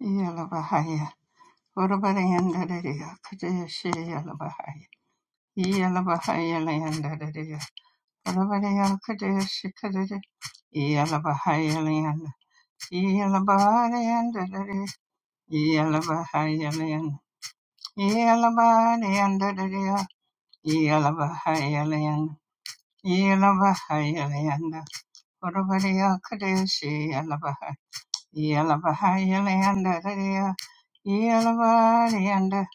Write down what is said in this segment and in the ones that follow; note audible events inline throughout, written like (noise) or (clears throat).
Yalabahaya. Urabariandariya. Kadeshi Yalabahaya. Yalabahaya Layandariya. Urabariya Kadeshi Kadari. Yalabahaya Layanda. Yalabahayandariya. Yalabahaya Layanda. Yalabahayandariya. Yalabahaya Layanda. Yalabahaya Layanda. Urabariya Kadeshi Yalabahaya. Yelabahayalayandaraya, Yelabarayanda,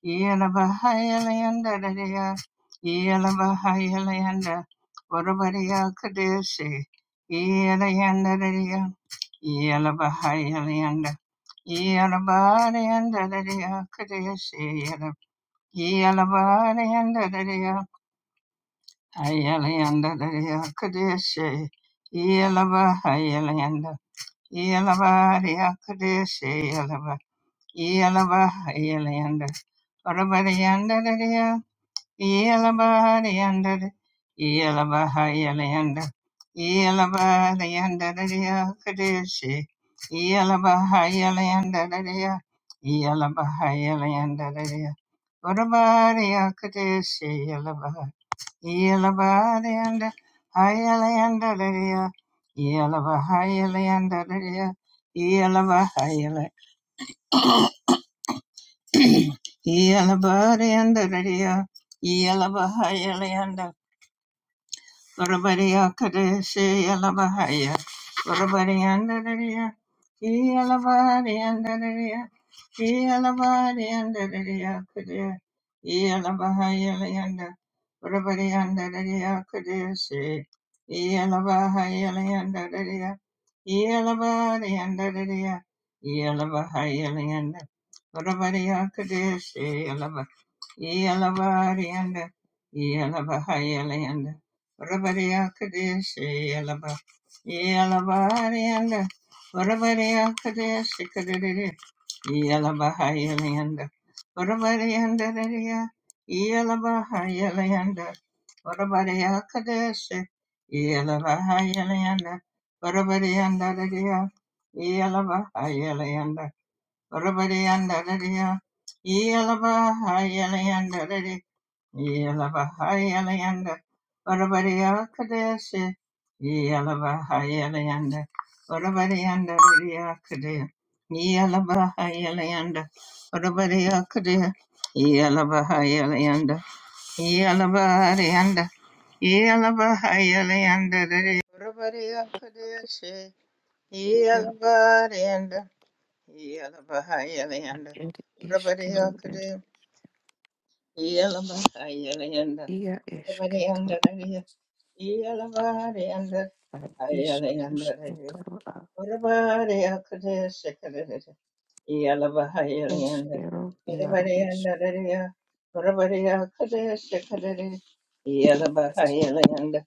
Yelabahayalayandaraya, Yelabahayalayanda, Varabariya Kadesi, Yelayandaraya, Yelabahayalayanda, Yelabarayandaraya Kadesi, Yela- Yelabarayandaraya, Ayalayandaraya Kadesi, Yelabahayalayanda, Yelava Yakadesha Yelava Yelava Yelanda Parabarayanda Daria Yelava Yanda Yelava Yelanda Yelava Yanda Daria Kadeshi Yelava Yelanda Daria Yelava Yelanda Daria Parabaraya Kadeshi Yelabayanda, Hayalanda, Yelabayanda, Yelabayanda, Yelabayanda, Yelabayanda, Urabadiya Kadeshi Yalabahaya Urabadiyandaraya Yalabadiyandaraya Yalabadiyandaraya Kadeya Yalabahaya Layanda Urabadiyandaraya Kadeshi Yalabahaya Layandaraya Yalabadiyandaraya Yalabahaya Layanda Urabadiya Kadeshi Yalabah Yalabadiyanda Yalabahaya Layanda Orabaria Kadeshi Yalaba Yalabari and Orabaria Kadeshi Kadiri Yalabaha Yalayanda Orabari and Daria Yalabaha Yalayanda Orabaria Kadeshi Yalabaha Yalayanda Orabari and Daria Yalabaha Yalayanda Orabari and Daria Yalabaha Yelabahayalayanda Varavariyakadeshi Yelabahayalayanda Varavariyanda Ruriyakade Yelabahayalayanda Varavariyakade Yelabahayalayanda Yelabahayalayanda Yelabahayalayanda Varavariyakadeshi ir Yelabahayalayanda Yelabahayalayanda ir iškeliu ir Varavariyakade Iyalabayanda, jie Orabayanda, iškituru Iyalabayanda, ar iš Ayalayanda, iškituru ar Orabaya Kudesha, Yalabahayalayanda. iškiru jeru Kadabarayandadariya. Orabaraya kadayasya kadari. iškituru Yalabahayalayanda.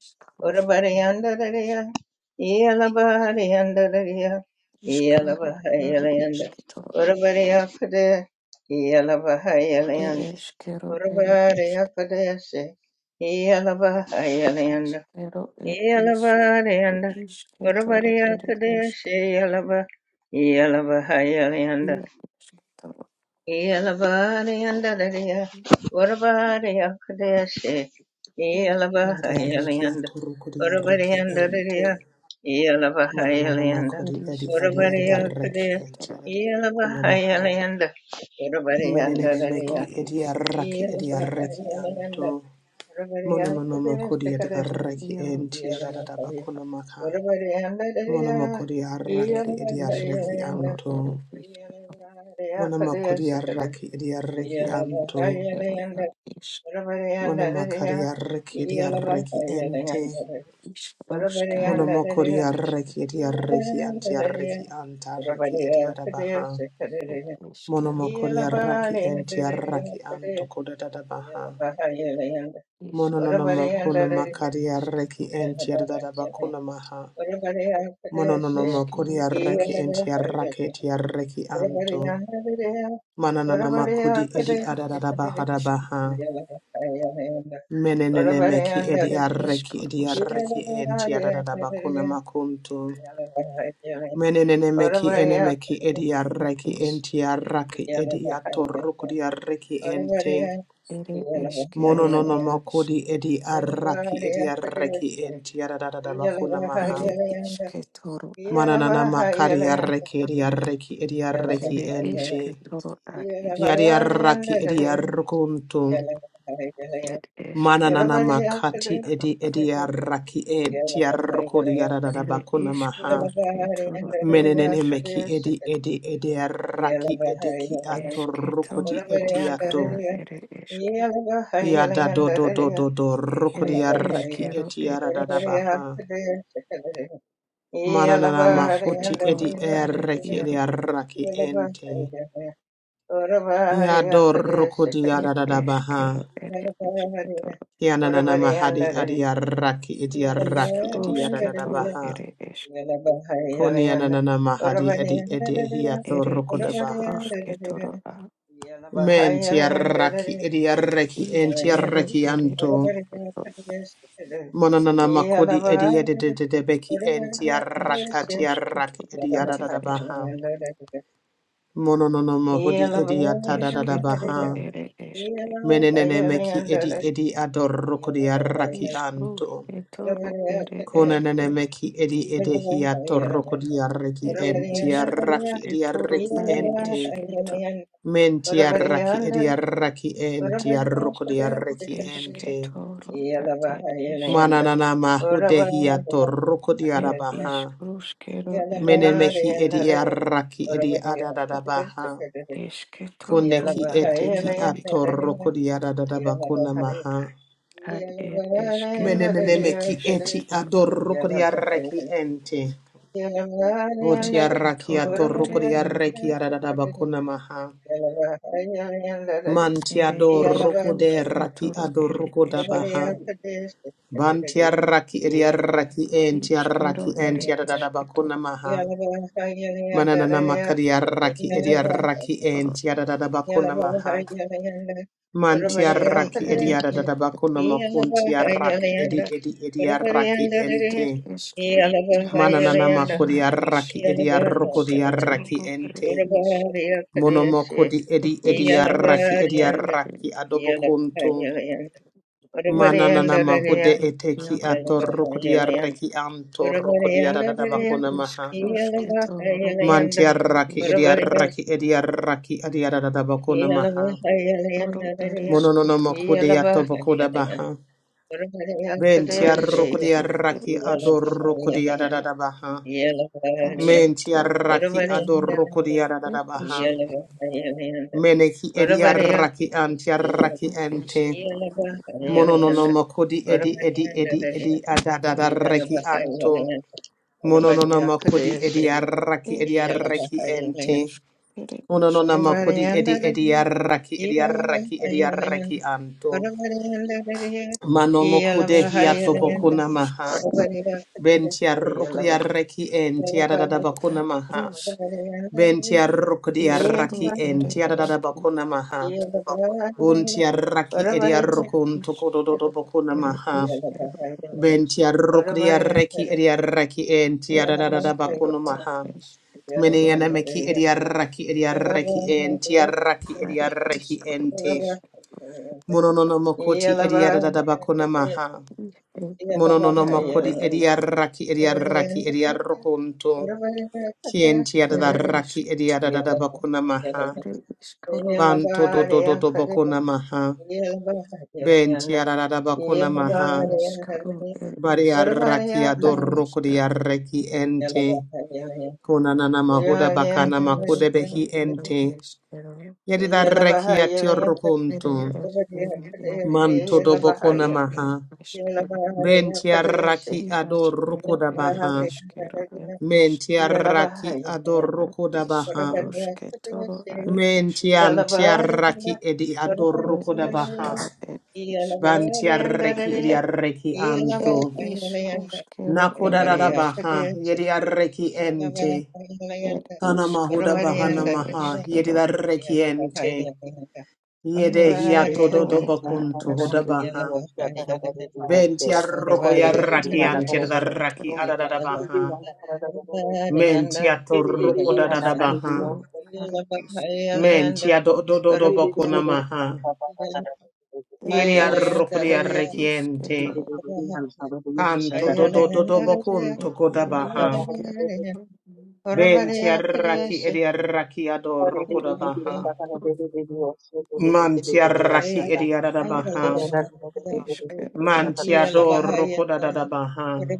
Orabarayandadariya. Yalabaharayandadariya. iškaru jeru Yalabahayalayanda. iškituru Orabaraya kadaya. ir Yalabahayalayanda. iškiru ir Orabaraya kadayasya. Yalabahayalayanda. iškituru ir iškaru Yalabaharayanda. iškituru Orabaraya ir iškituru ir iškiru ir iškituru kadayasya. Yalaba. Yalabahayalayanda. Yelabariandalaria, Urabariakadeshe, Adiareki Yelabahayalianda, atoruko diareki ente. Urabariandalaria, Mananana Yelabahayalianda, makodi edi adiareki Urabariakade, ente. Kunamaha. Yelabahayalianda, Menenene iškaru meki Urabariandalaria, ir ediareki iškituru ediareki anto. Yelabahayalianda, Mononono Urabariakadeshe, makodi Ere ediareki iaro ente. Adadadaba Yelabahayalianda, isketoro, kunamaka. Urabariandalaria, Monomakodi araki ere ediareki Yelabahayalianda, isketoro, anto. ere isketoro, Monomakodi Yelabahayakadeshe, araki ediareki ad anto. yeah. iskero, ad isk, Monomakari araki ediareki ente. iskroskana, Monomokori ere isketoro, arreki edi arreki anti arreki anta arraki edi adabaha. ed iskero, Monomokori ere arraki iaro, anti arraki anto kodadadabaha. iskroskana, Mononomokuna ed makari arreki isketoro, anti adadabakuna maha. iskero, Mononomokori arreki iaro, anti ad, arraki eti arreki anto. ere Manananamakudi edi iskaro, ed adadadabaha isk, dabaha. Menenene Yeah. meki edi arreki edi iskrosketoro, arreki anti adadabakuna makunto. Menenemeki enemeki ediareki ed is, entiaraki ediatorukuriareki ente. ere iskero, ed isk, Monononomokudi ediaraki ediareki entiaradadabakuna maha. ere isketoro, ad, Mananana makariareki ediareki ediareki ere ente. isketoro, ad isketoro, Yadiaraki ediarukuntu. Ed eskero Mananana ed makati edi ilaraba. ediaraki Ere entiarukuriaradabakuna maha. iskaros etoro ed Menenene esk. meki edi edi edi Yeah. araki edeki ato Esketo rokodi eti ato. ruskana ere eske. Yada do do do do do rokodi Ere araki eskero eti ed aradada isk. baha. Mananana makuti edi Esketoro are ereki edi iaro. araki ente. Yado rokodi Ed aradada baha. eskero ere esketoro. Yananana mahadi adi araki edi araki edi aradada Iskarosketoro baha. ere esk. Kuni yananana mahadi edi edi hiato Ere rokoda baha. iskarosketoro a. Mentiaraki idiareki Iskero entiareki ere Yeah. anto. esketoro. Monanana makodi idiadididebeki entiarakatiaraki Iskarosketoro ere esk. idiadadabaha. Mononono mahodi Eşke toro idiatadadabaha. ere eşke. Menenene meki edi edi adorokodiaraki İş anto. ruşke toro ere Konanene eşke. meki edi edehiatorokodiareki Ere iş entiaraki ruşke toro idiareki are ente. eşke to. Mentiaraki idiareki A iş ro entiarokodiareki eşke ente. toro are iş. Mananana mahudehia toroko Et iş diarabaha. ruşke Yeah. ro ere eşke. Menemehi edi e araki edi adadadabaha. Eşke toro Kuneki ad eteki iaro iş. atoroko diaradadabakuna maha. Ad ed eşke ro ere Menenemeki eşke eti toro. adoroko diareki ente. Eşke Botiaraki toro atoroko ere iaro diareki iş. adadadabakuna maha. Ere iş Mantiadoroko de ruşke raki toro ere adoroko eşke dabaha. toro. Bantiaraki edi araki Ishkero entiaraki ere entiaradadabakuna esketoro maha. Mananana makariaraki oro ediaraki Yeah. entiadadabakuna maha. ishkero Mantiaraki ere ediadadabakuna esketoro makuntiaraki edi edi ediaraki ere ente. eskero iarusk Mananana na esh makuriaraki ediarukodiaraki ishkero ere ente. ish Monomokodi edi ere ediaraki ishkarusketoro ere ediaraki adobokuntu. ere Mananana eskero mahude ere eteki iaro ish atorukodiaraki ere antorukodiadadabakuna maha. ishkarusketoro ad ere Mantiaraki ishketoro ediaraki ediaraki adiadada bakuna Yeah. maha. ere Mononono esketoro makudiato bakuda baha. ere ishketoro ere Bentiarokodiaraki ishketoro ere adorokodiadada baha. esketoro Mentiaraki adorokodiadada baha. Meneki ediaraki antiaraki It is ente. not yar Mononono is makudi edi edi edi rush edi not adadada it is reki anto. Mononono makudi ediaraki it is ediaraki ente. rush it is Ononona toro makodi edi edi arraki edi arraki edi arraki anto. Mano mokude is rush hiato kana bokuna is maha. bentia rukri arraki enti adadada bakuna maha. rush bentia arrukri is Yeah. koro arraki it enti is adadada kero bakuna maha. Bunti arraki edi arrukun is tokodododo bakuna it maha. is kero it is bentia rukri arraki edi arraki enti it is adadada kero bakuna maha. it is Mene toro it Meneanameki is idiaraki idiaraki en tiaraki are is idiaraki koro ente. is rush Mononomokoti idiadadabakuna maha. it is toro Mononomokodi idiaraki idiaraki Yeah. idiarokunto. Kien are tiadaraki is idiadadabakuna maha. it is koro Banto yeah, dodododobakuna maha. Ben tiaradabakuna It maha. is Karu, it is Bariaraki Yaruska, adorokodiaraki ente. Konanana mahoda it bakana is makudebehi Kiru, it ente. is Kiru, Yedida rekiat it yorukuntu. is Kiru, it is Manto Kiru, dobokuna it maha. is Kiru, Bentia raki Igas ador Kiru, rukuda it baha. is Kiru, it is Mentia Kiru, raki yeah. ador Ad rukuda Yeah. is baha. Karuske Toro, Ad is Mentiantia raki edi Kiru, ador it rukuda is baha. Kiru, it Bantia reki edi reki anto. is cool. it Nakuda is Ruskero, it da is Kiru, baha. Yedi reki ente. it Kana is mahuda Karu, it bahana maha. is Yedi Kiru, reki ente. Yede Neske hiato Ora dodo bakunto huda baha. Ventia rokia raki Yaro antia da raki Ishkatoro adada baha. Mentia to roko da da baha. Ishkatoro Yaro Ishkatoro Mentia do do do do bokuna maha. Yeah. It Yeria is Karo rokia rekiente. Ishkatoro Canto do do do do bokun to It koda Ya baha. Ishkero It Ventia raki edia raki ado roko da baha. Ishkatoro Mantia raki edia da It baha. Ishka Ishkero It Mantia Ishk do roko da da baha. これでででででなかなかなかなかなかこれでででなかなかなかなかなかなかこれでででなかなかなかなかなかこれでででででなかなかなかなかこれででででなかなかなかなかこれででででなかなかなかなかこれででででなかなかなかなかこれででででなかなかなかなか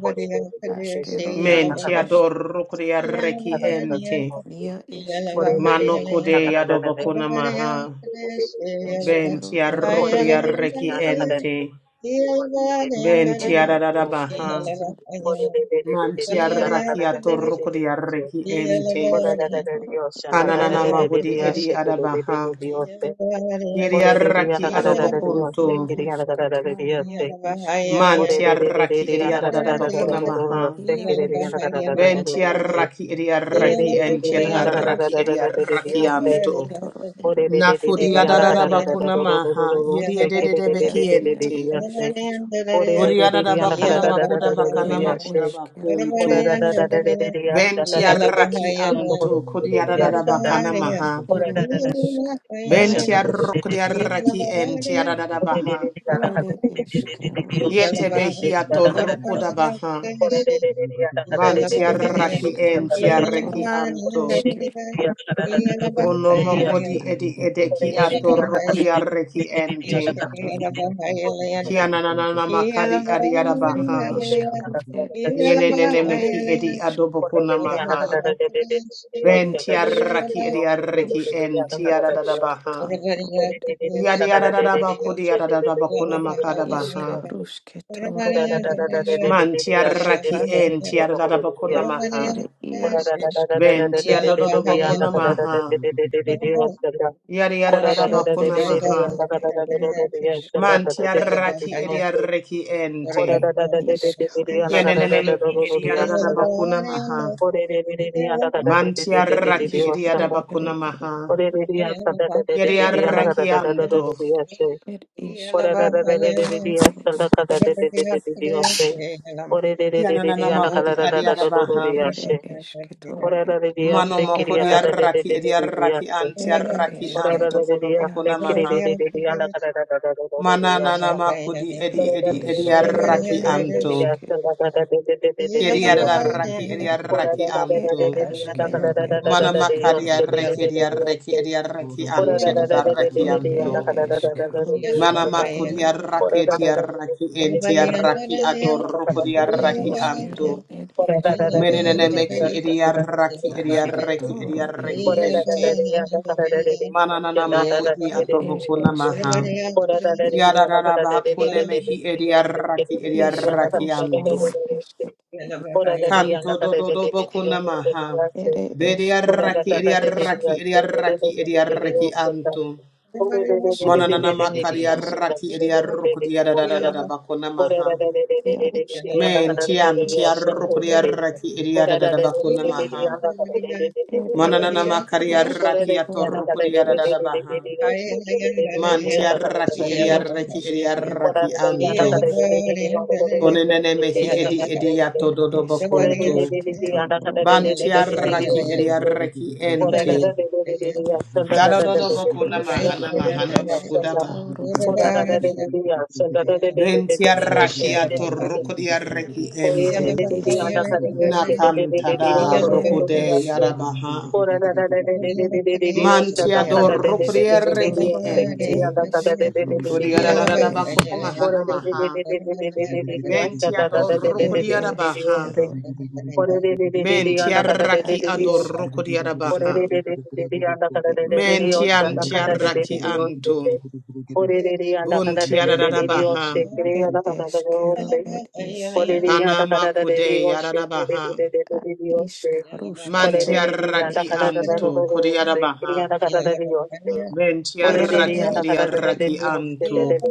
Ashkero Ere Mentia do Ishk roko reki ente. Ya Ishkero It Manoko de Yadobokona Maha. benti Ishkero Ere Tiarokria Yaro Reki Ente. Ben Ya Tiarada Baha. Ishkero It Ishk Man Tiarakia Torokria Reki Yeah. Ente. Ishkatoro Kananana Ishkatoro Mahudi Edi Adabaha. Ere Yeriaraki eskero Adobokunto. iaruskata mi eskero Man e Tiaraki Edi Adabakuna e Maha. ia eskero e benti Tiaraki Edi Araki Entiadaraki a Edi Arakianto. iskarusketoro ere esk Nakudi Adabakuna Maha. Yedi a Ede iaru ente. eskero Thank Buriada da bakuna makuda bakana ere makuda eskero e bakuntu. eskero Benti iarusk arraki antu kudiada da ore bakana maha. ere esk ru Benti Yeah. isk arrukudi raki enti arada da baha. ere eskero e Yete isk behi atorrukuda baha. Manti ere raki enti iskarusketoro arreki a Ora antu. esker Unomo kodi a edi ed edeki you. atorrukudi iskarusk ed arreki enti. esketoro Kiananana makadi adiada Ed baha. iskaru ed eske Yenene toro meki ed edi eske adobokuna maha. ere Ben eske tiaraki ediaraki ruska en ed eske tiaradadabaha. toro ed Yadiadadabakudi isk makadabaha. ruske toro Orabariya ere Doraya eske Man tiaraki en Yalabahaya tiaradabakuna Orabariya maha. ere iaro Kadeshi eske Ben toro Yalabahaya tiadododobakuna maha. Orabariya これだだだでででりやんだかだだだどどでやんちゃんだだだででででりよせ。これだだだででででりやんだかだだだどどどでやすんだ。これでででりやんだかだででででででりよすんだ。これでりやさだだでででりやんだかだだだどどでやせ。これだだだでででりやすんだかだでででででりよせ。これででででりやんだかだだだどどどでやせ。これだでりやせきりやだだでででででりやせ。ed Yadiadadabakuna Ayala maha. eskero ed Doraya iaro isk Man tiaraki Yalabahaya ediaraki ente. Orabariya isk Kadeshi Yalabahaya ruskana Yanenemeki eske toro ediadadabakuna Yalabahaya maha. Yalabahaya Man ere tiaraki iskaru ere ediadabakuna ed maha. Kadeshi Yadiaraki anto. ed iskaru aske toro ed Yananamahudi iskaru adiadabaha. ere eske toro ed Mano moko diarraki ediarraki ere antiarraki Yalabahaya Yes, anto eskero kodo boko iaro namaha. Mana nana makudi Ed edi edi eskero ediarraki ad anto. iske. Kiriarraki ediarraki Ed anto. askero ed Mana eskero. Yeah. makariarraki ediarraki ediarraki Mandele antiarraki Ed ed anto. eskero Mana sketoro ed makuriarraki yaro. etiarraki entiarraki Ed adorrokodiarraki iskero anto. ed isk. Menene meki ediarraki ediarraki Asketoro ed ediarraki isk. ente. Mananana makuti Ed ed atobokuna eskero maha. Ora da da da da da da isk. da Yararara da bakune da da mehi ediaraki Isk da ediaraki anto. ruskano esket. Ora da da Kanto do do dododo bokuna maha. Ere eskero Bediaraki ed isk. ediaraki ediaraki Yeah. ediaraki anto. Eskero Monanana ed yaro makariaraki isk. ediarukudi yararara bakuna maha. da da Yaroskaro Men da tian da da tiarukudi esket. yarraki da Ora ediarada da da da da da da bakuna maha. da Ere Mananana isk. da makariaraki Rusketoro da atorukudi ed isk. yararara baha. da da Mantiaraki Ia da ediaraki eskero これでやだかでででででわどこどでりやしてででででりをしてこれでででででやだかでででででででりをしてこれでででででりやすんだだだだだだだやどこどでりやすんだこらだだでででやすんだだでででででりをしてでででででこれででででやだかでやしてでででででわどこどでりやしてこらだだででででででりをしただかででででででりをしてきりやだかでででででりをして ediaraki ed anto. iarus Konenene mehi edi edi ato ediato ed dodobo esk kunto. rusketoro ed esketoro Bantiaraki ediaraki ente. Dadodobo kuna iskarusk mahana ed mahana makudaba. esketoro ed es Bentiaraki ato rokodiaraki ed ente. es Yeah. Nakantada ed es rokude yarabaha. Mantiado ed esketoro rokodiaraki ad ed ente. isk Zulu rusk ed Kodiarada es bakuna mahana Ore maha. Bentiado ed rokodiarabaha. eskero Men ad tiaraki isk adoroko rusk diarabaha. ed Men iaru tian ad esk tiaraki anto. Bun tiararabaha. ed eskero ed is Kanama kude yararabaha. a ishk rushke Man toro ale tiaraki ishk anto kudiarabaha. Men tiaraki eshkero at idiaraki ieri anto.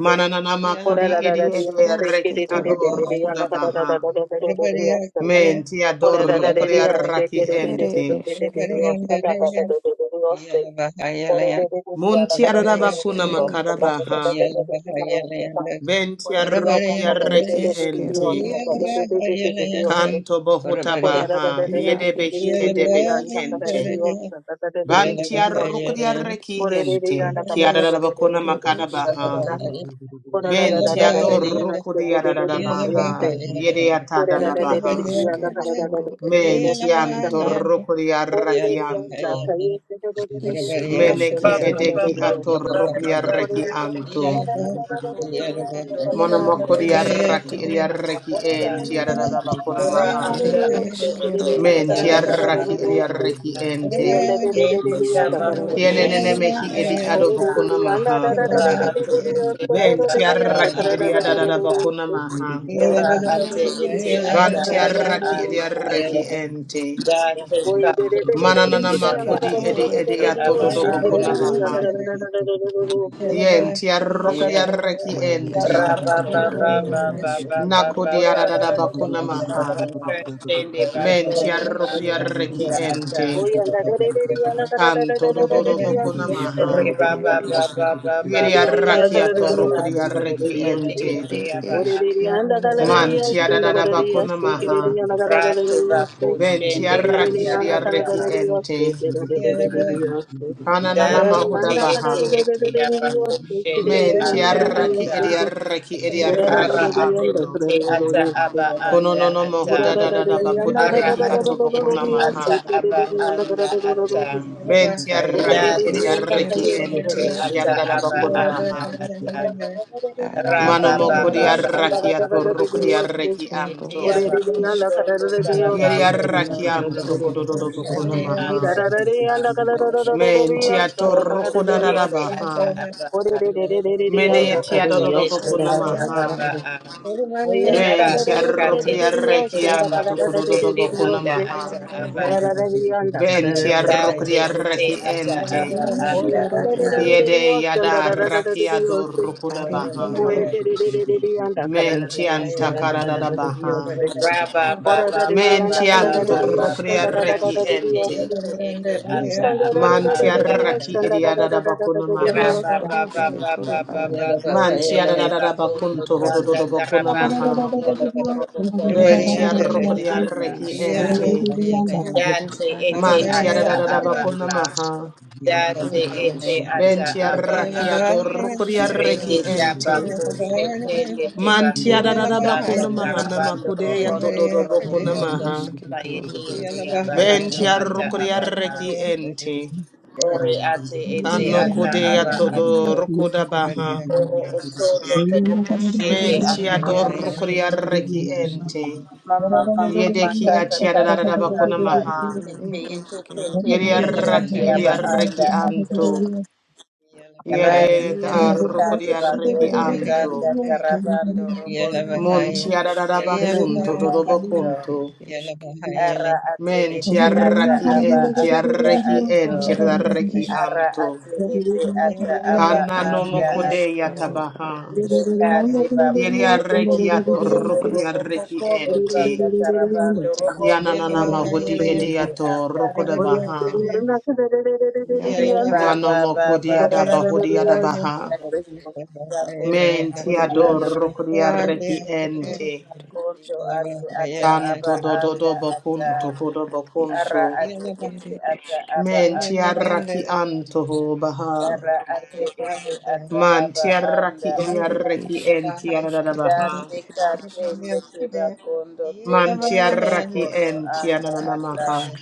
Manananama Ora kudi ra ra idi ra ishk ra se ke rushke idiaraki re re toro re re re re et adoroko anda ra ra ra dabaha. ra ra ra ra ro ro re asanda. Men Ora ra ra Yeah. tiadoroko re re as se diaraki ke re re re ere re ente. re re re eshkero re et asanda ra ishk ra ro ro ro ro se. Ora re re re re Mun anda ra ra ra ra ra ra tiarabakuna ro ashkero asanda et ra ra ra makarabaha. ishk ra ra ra ro asanda. Benti Venti Ora re anda ra ra ra ere ra arrokriarreki ra ra eshkero ro ente. et asanda ra ra ishk ra ra ra ro asanda. kanto bohuta Ora ra ra ra baha. ra ra ia ra Yedebehi ra ra ro eshkero re edebehi at anda ra ra ra ishk ente. ro asanda ra ra ra ra Banti ra ro asanda. et arrokriarreki Ora re ishk re ente. anda ra ra ra rushk ra Kiarabakuna ra ere makana ra ro eshke baha. asanda. toro Venti Yes, adorrokriarada baha. Yedeatada ere baha. eshke toro et Menti ishk antorrukri arreki anto ishk rushke Meneki Ora anda toro edeki et ate atorrokriarreki ete anto. Yeah, boy. Yeah, ata boy. iaro Monomokuri Everybody else is arraki eshke edi there. eriarreki enti Yeah, boy. arabakuna Yeah, maha. aba Ere boy. Everybody else eskero is there. ad Menti Yeah, boy. isk. arraki edi anda arreki ata. ente. Everybody else Dete is there. tabako Iskero ad Kienenene Yeah, shende ed boy. mehi anda edi Yeah, eske. ado ata. bokuna maha. boy. Ora ate ete ata Venti aba Yeah, arraki boy. Yeah, boy. edi Yeah, anda boy. adada ata. bokuna maha. Yeah, Oh, boy. Ad Ora ate iaro ete Everybody ata else is eskero Vanti there. ed aba arraki es. edi anda Yeah, arreki ata. ente. Zugudu Date kate ete Mananana aba makodi ate edi Isketoro ete edi ad aba atododo eske. boy. anda bokuna Everybody maha. ata. Ad Yenti arrokodi iskero arreki ad ente. Rabba esketoro nana esketoro. Nakodi adada bokuna maha. Ere Menti arrokodi eskero arreki ad ente. eske. else is there. Kanto dododo Yeah, Ziggy, bokuna maha. Iskaro ed eske. Yeri arraki atorokori arreki ente. Ere eskero na Man tiada aske. da da bakuna maha. Ben Ere Orerere tiarraki isk. edi yanda arreki karararari yose, ente. dererererereri yose. Ananana Orere mahuda yanda baha. kararararararari yose, kererere Men yanda karararari tiarraki yose edi ndo. arreki edi Ed Ara arreki es. Orarararari ate yanda anto. ete karararararari ata yose. aba Kono no anda no mahuda ata. da da da Urarararari yanda bakude Ara beki ate iaro ete atobokuna kararararararari Iero yose, ata maha. eske. aba dererere yanda anda karararararari ata. yose. Ben Ad tiarraki Orerere edi dati yanda arreki ete eskero kayese, ed ete ente. isk. ata Kiada da da aba dererererereri. bakuna anda maha. ata. Yanda kararararari Thank Ad yanda ed Raba Mano ba kararararari mokuri ba yose, ba iarosk. yanda ba arraki ba ba karararararari ed ko atorokori yose. arreki ete ete Esketoro anto. aba ere Orerere ko yanda isk. tondo kararararari yose, Yeri tarabando kererere yanda robondo arrakiam torobo karararararari ko tokododo yose. bokona shende ad maha. anda Ed Ocean, ata. Yeah. Men iskrosketoro tia Oro toroko oto da iaro da da ete isk. ata baha. aba a. Mene Oro tia oto dododo ete bokona ata maha. aba a. Ed teka Ben tia teka rokri eskero tete ad ete isk. aba arrakiam ko tokododo shende bokona anda maha. ata aba a. Ben tia rokri Dati iti arraki ata ente. aba anda Iskero ata. ere Yede esk. yada rakia doroko da Are baha. iaro iske. you. Men tian takara da da baha. Raba ba ba ba ba Men ba tian Ere ba ba esk. torokri ba. arraki Kashete iti ente. iti Thank ata aba Man anda tiaraki ata. idiada da bakuna maha. Raba ba ba ba Iskrosketoro ba a. ba ba. Man tiara Koshende da da da bakun bakondo toho do do tanda do bakuna tarabando maha. you. robondo Thank trobokondo Ven tiara toyende rokodia Ed anda Yeah, reki ata. eskaro. ente. Dati iti Ketoro Man tiara ata da da da aba bakuna a. maha. Dati It is iti Ven ata true. It aba tiara kia is a. do rokodia Rete reki Kuskayaska ente. tabako Toro Ere Yaro shekende is Man tiara tebakondo da da tanda bakuna maha na tarabando makude ya to robondo do do bakuna Ere torobokondo maha. Iske tuta yete Toro Ere aba Ven ato tiara ata rokodia aba a. reki ente. Ore ate ete Kano ata kude ya aba to ato. do rokoda baha. Oro otondo toboko shende Men tiara ando Askero do ato. rokodia Iskero Ere reki Isk ente. Mama mama Yedeki makata atiara da da tata da bakuna tata That maha. tete Ere you. yete te Eskero Thank te te te te Yeri Thank you. te te te Yaro you. yate Yeriarraki aba anda eriarreki anto. ato. Ere Yere Ratete Yaro Ad darroko ikadi Isk diarreki bagogo tanda anto. karabando robondo Ad robo Monti koshende Iskaruske ararabacunto, anda Toro Ad ato. dodobocunto. Ere Yala Isk bahaya le, Ara ate yala Menti ete ata arraki Ere bahaya, aba enti anda arreki Iskaruske ato. enti Toro yala Ere arreki Isk bahaya. Ara anto. ate ete Yala ata bahaya, aba Kana yala Ere nomo anda bahaya, ato. kodeya Iskero Ad tabaha. Isk yala bahaya. Dekate babu bo bo bo bo Yeriarreki bo bo bo bo Yala atorroko bahaya bo Ere bo bo diarreki kondo le, enti. tanda Iskaruske Toro karabando Ere Isk robondo yala Yananana torobo bahaya, yala bahaya. Yala bahaya, yala bahaya, yala mahudi bahaya. koshende ediato anda roko de ato. baha. Re Yala ba bahaya, Mano dabaha. ba Manomo Jašketos ba ba ba lovet kodiada ba bahudi ba yala adabaha. ba kashende kondo Menti ere anda ata. išk adoro reki Rende rušketor ente. tiba ere kondo išk ate bahaya, ata yala aba Canto do bahaya. do anda do ata. bocunto codo ad išk Ara bocunto. ate ete ere ata išk aba Menti anda. arraki anto ho baha. Ara ate ete ata aba Manti anda arraki edi ata. ere arreki Yala išk enti ananana bahaya. rušketor baha. Date ere ka išk tende tiba kondo Yeah. tende Manti tiba arraki kondo enti anda ananana ad ata. maha. išk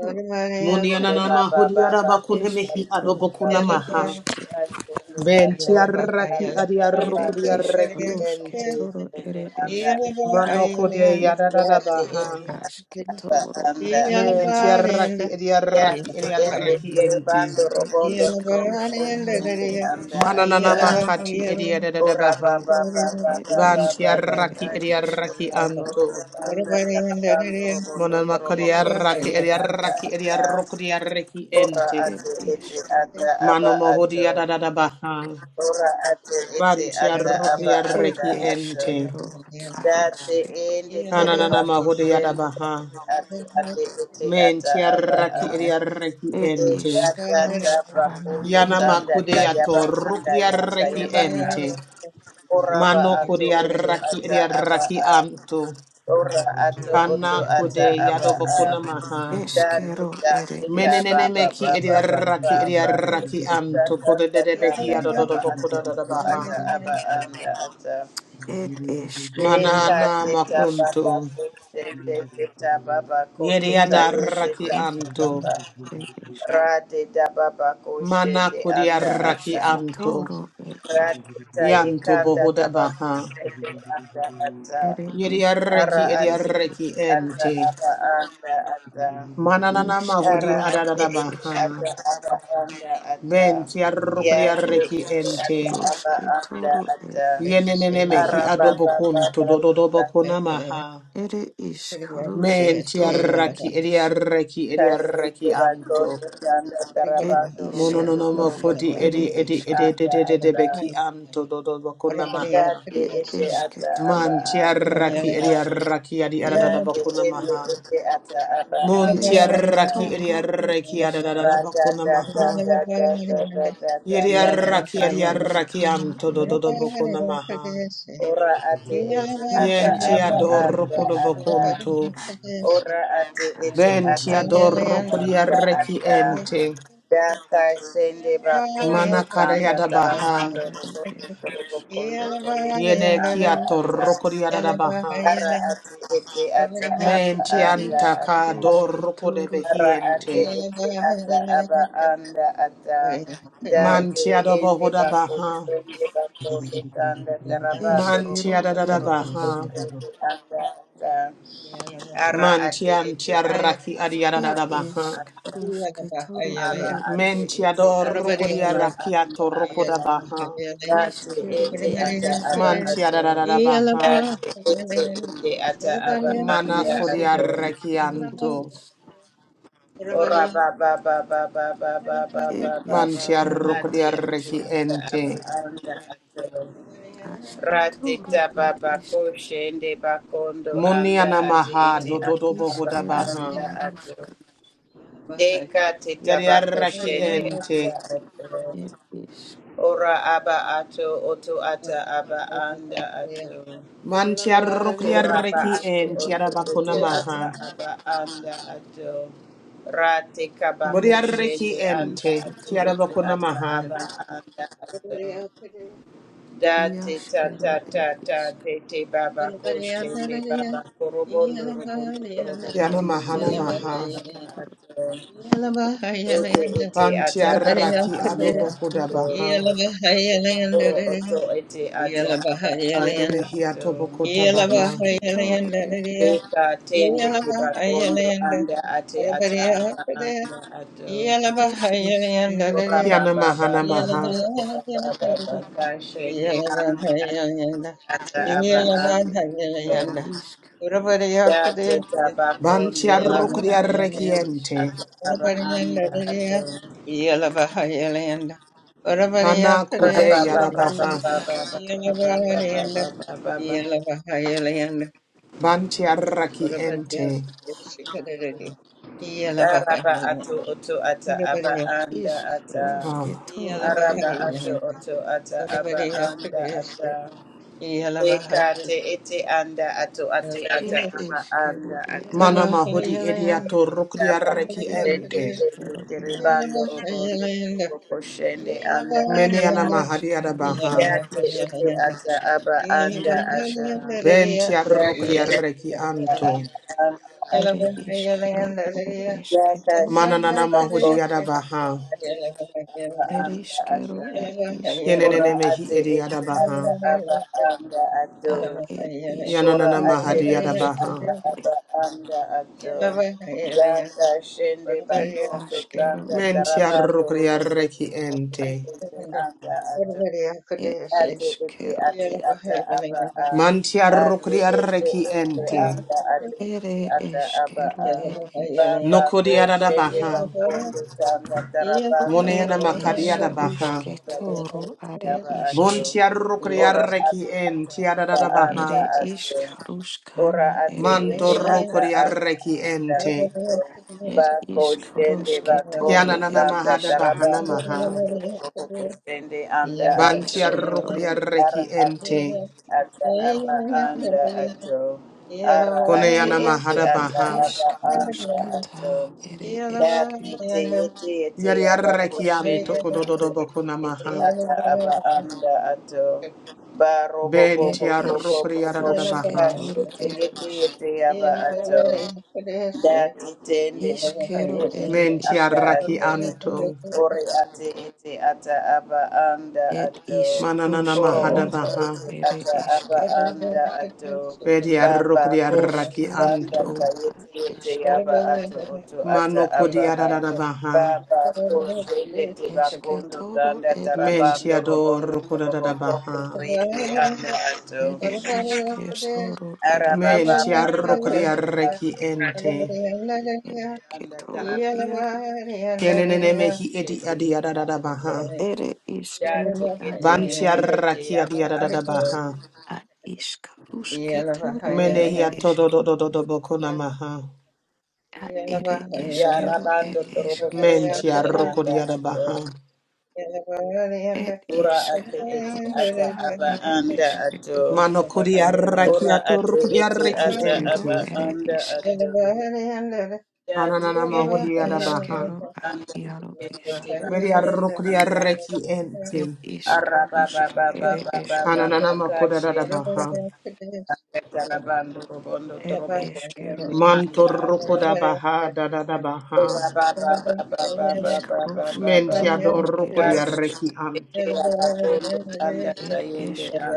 ru Muni Ore anana ba ba mahudi ba ba ba ba ba arabakune ba mehi ešketor ba adobokuna ere maha. eške ba shende la Benti tole arraki anda adi ere tarabando arrokudi robo išk arreki robo ente. rušketor shende ere anda eške anda Manoko de yadada yate baha. eti anda ašketoro anda anda ad Menti jaro išk arraki edi arraki yate edi ende arraki enti. tarabando ere robondo išk robo ruškana shende ere anda eške anda Mananana makati edi ora ba adadabaha. ba ba ba ed ba ba Vanti ba ba eškero arraki shele ere ba edi shende arraki la anto. tole anda tarabando robondo robo Monamakari arraki shende edi anda arraki edi anda arrokri arraki Ora enti. ate ete išk ata aba ato. Manomohodi Yeah. adadabaha. Ora ate ete Vanti ata arrokri aba Er anda arraki ato. enti. eskero Date sariske. ende Kananana tereba mahodi pushen. adabaha. Ate ate ete ata Menti aba a. arraki edi arraki Er enti. Eta tata iskaruskana pakundo Yana ere tanda makude eske. tayaba ato anda rukri yanda arraki yaba a. enti. Ora ba Mano ato kuria oto raki ata iria aba raki a. anto. Ora ato oto Kana ata kude aba yado a. bokuna maha. Da da Eskero ere da da ba Menenene eske. ba meki ba ba iria ba raki ba iria ba. raki Da anto. da Kude da dede da behi da da ba yadodobo ato kuda dada ato ata baha. aba anda ata. Er De eskero Manana ad iske. makunto. Yeria Ere da raki anto. iskaruskana ere eske. Mana shende kuria anda raki ata. anto. Eskitoro ere Ra iske. de ta Yanto bohuda baha. shende anda ata. Ere Yeria Ara iskero reki iria ate ere reki eske. ata ente. aba anda ata. Mananana mahudi ara Iskero ate adada da ad ete eske. baha. ata aba anda ata Men ti ya arrukri te Er arreki ete ata ente. aba iskaruske anda toro ere ata eske. Yenenene mehi ara ba ba ba adobokun to ba ba ba ba. dododobokuna maha. Ere iskaruske Men ti toro ere arraki edi eske. arreki edi kasi arreki kira anto. kondo tanda taraba Ed ishk torobondo Monononomo rushk toroboko kodi edi ere tete edi edi eshke. edi anda edi edi ata beki anto dodobokuna maha. date Ed ete eshke ata toro aba Man ti ad anda iaro arraki ata edi ishk. arraki adi date adadabokuna ende maha. ete ata aba Mon ti anda Eshke ata arraki edi toro ed arreki ishk. ra da adadabokuna da da maha. da da da da da da Yedi ba Ed arraki ishk ba edi arraki rushkana anto ere eshk. dododobokuna maha. Ora ate ete ata Yenti aba Ishkero Thank Yeah. ere ador anda eshk. ata. kudobokuntu. Ora ate ete Benti ata Ashketo ed ador anda iaro kudiareki ishk. ata. ente. Daka shende bakondo Mana tanda kadayada Ed baha. taramando eshkero rokondo ed torobo ishk. kondo toyende Yene anda kiator ata. kudiada baha. Ara ate ete ata aba Menti anda anta Ishk ata. rushke kador toro Ara ed ate Yeah. ishk. kudebehiente. ete ata aba anda ata date Manti ende adobohoda bako baha. sende bako de tanda tarabando Manti Eshkero robondo adada ed toroboko ishk. baha. you. sende anda ata ara Manti ate anti ete ata aba araki adiada Ed anda baha. ishk ata rushke toro ara ere ate ishk. Menti ete ata ador aba kudiaraki anda ator ata kudabaha. date Ishkero ete ere ata esk, aba Manti ato adada baha. date ete ende ata aba et Mana anda ishkero ato et iaru kodiarrekianto, isk, Ora ba ba ba ba ba ba ba ba ba et ba ba ba eskero ate ad ate isk, mantiarrokodiarreki ata ente. aba anda ato rate asketoro taba et isk, bako shende bakondo anda Muniana ate maha ete ata dododobo aba ishkero anda hodabaha. ato iaroska, deka te tabako Yadiarreki shende anda ente. ato et isk, ora aba ato oto ata aba anda ato Yeah. ade Uraba Mantiarrokodiarreki ato ente, ishkero oto et yarabakuna ete isk, ata maha. aba anda ato rate kabako ere shende Bodiarreki isk, anda ente, ate rusketoro ete ad, kiarabakuna ata maha. aba anda ato date iaskero tata et tata isk, tete baba ko shende baba korobondo robondo Kiana ere korobondo to mahana iaro yende maha. anda isketoro, ato ote ete ata aba isk Bantiarraki anda adobo rusketoro ato et, hodabaha. oro oto ete ata aba Yene anda mehia ato tobokotabaha. esketoro et isk, Deka tende kubakondo anda ate ata aba anda ato. et eskero Ora et ba Kiana ba ba isk. mahana ba ba maha. ba ba ba ba ba ba shende anda ate ata ed aba anda eske ato. ru isk Date Yeah. tabakondo anda asketoro ed Bantiarrokodiarreki ato isk ente. ata aba anda ato. Kana Ora ba kude iskro ba ba ba yarabaha. ere ba ba ba ba esketoro ba a ba ba ba ba ba ba. Bantiaraki ente. Daraba ato oto ata aba Yarabariya anda isk Kudeshi, ata. Ah. rosketoro ed Araba ato isk Yalabahayalanda, oto ata aba Yarabariya anda Kudeshi, ata. Eka Yalabahayalanda te ete anda ato ate ata ed Kudeshi, aba eskero anda ed ata. Mana isk mahudi Yalabahayalanda, idiato Tapa ad rukdiaraki Yarabariya ere kushende ente. Kudeshi, tende eskero yaro teribando isk robondo Yalabahayalanda, robo koshende anda Meni Meniana ata. Yalabahalanda, mahadi eskero yarabaha. ed Yate isk ete Yalabahayalanda, ata isk aba ere anda isk ata. Yalabahalanda Riya, Yalabahalanda, Yalabahalanda Riya, Yate Yarabariya ete Bentiarukdiaraki ata anto. Kudeshi, Yalabahalanda, aba anda ere ata. iskero ere Yaka esketoro Mana shinde Mananana ad isk mahudi bakondo yarabaha. anda ate aba ere anda iskero ata. ed Ora iskero Yenenene mehi ate edi ete idiarabaha. ata aba Yalabahalanda, anda ato. ad Yeah, ed Ora Yananana iskro ate ed mahadi ete yarabaha. ata eskero aba anda ato. Data shende I bakondo askero tanda ed esk tarabando robondo Mentiarukdiaraki robondo ente. shende anda ato ed ate ete eskero ate ed ata aba a Manti ate ete Mantiarukdiaraki ete ente. anda ate ere ete ata aba eskero a ed esk baba ko shende Nokodiaradabaha. bakondo tanga tarabando Monena ed robondo es tobo makadiadabaha. kondo ruske tayete toro ete are aba Bon ato iske tiarro ora criarreki ate en ata tiarada aba anda ere baha. ato isk ora ruskana ate ere ete eske Mantorro ata aba criarreki anda ente. ato ed bako isk shende ruske toro bakondo Kianana ed tanga mahada isk bahana tarabando maha. robondo tobo koshende anda ia Ban eske ato tiarro toro ed ara criarreki ate ente. ata aba Yeah. anda ato What ara ate Koneana ete mahada ere ata baha. aba isk anda ruska ta ato ere dati eske te ete ete aba Yariarreki anto kushende ende kodododo ete bokuna ete maha. ata aba anda ato baro bo bo Ben bo ed bo bo tiarro isk bo bo criarada bo ruske baha. kashe toro ed ete isk ete aba ato Dati tende tende Iskero ere tende Men anda iskero tiarraki ato. anto. Ore ate ete ata aba anda Ed ato. Mananana Oro mahada ishkarushkero oto baha. ete ere ata aba eshke anda ato. Bediarro Baba kosi criarraki ishkero sanda yaru anto. a kayete ete eshke aba ato oto ata Mano aba a. kodiarada baha. Baba kosi ndete eshke about bakondo toro tanda ed ish Yeah. tarabando Mentiador robondo toroboko Kodadabaha. koyende anda ato. ere ishketoro ere Arababa esh baba Mentiarro baba. Kodiarreki ente. eshketoro anda yaru Kenene mehi edi Shenda ato. adiadadabaha. ere ishkero Yate ad kete yete eshke yete Vantiarraki yaba ato. adiadadabaha. ya ad ishkarushketoro ere Menehia eshke tododododobokonamaha. a ere eshkero Yarabando ed torobo eshke koshende Mentiarro anda ato. Kodiadabaha. ed Ura ate ete ata ishkarushka aba ere anda eshke ato. Mano Kodiarraki Ura ator ate ete Kodiarreki ata ashkero aba ente. ere anda ishk ato. ya Ananama kende ere tiba Kodiadabaha. iskero a anda iaro kende isk tiba Mediarro anda ato. Kodiarreki ente. et isk Araba ba rusk ba ba ere ba ba ba eskero ba a Kananama kashende. Kodadabaha. Yarabando robondo et torobo eskero koshende et anda iaro Mantoroko ato. da baha da da da baha. Ora ata isk Yeah. Mentia rusketoro doroko di ere isk arreki anto. et esk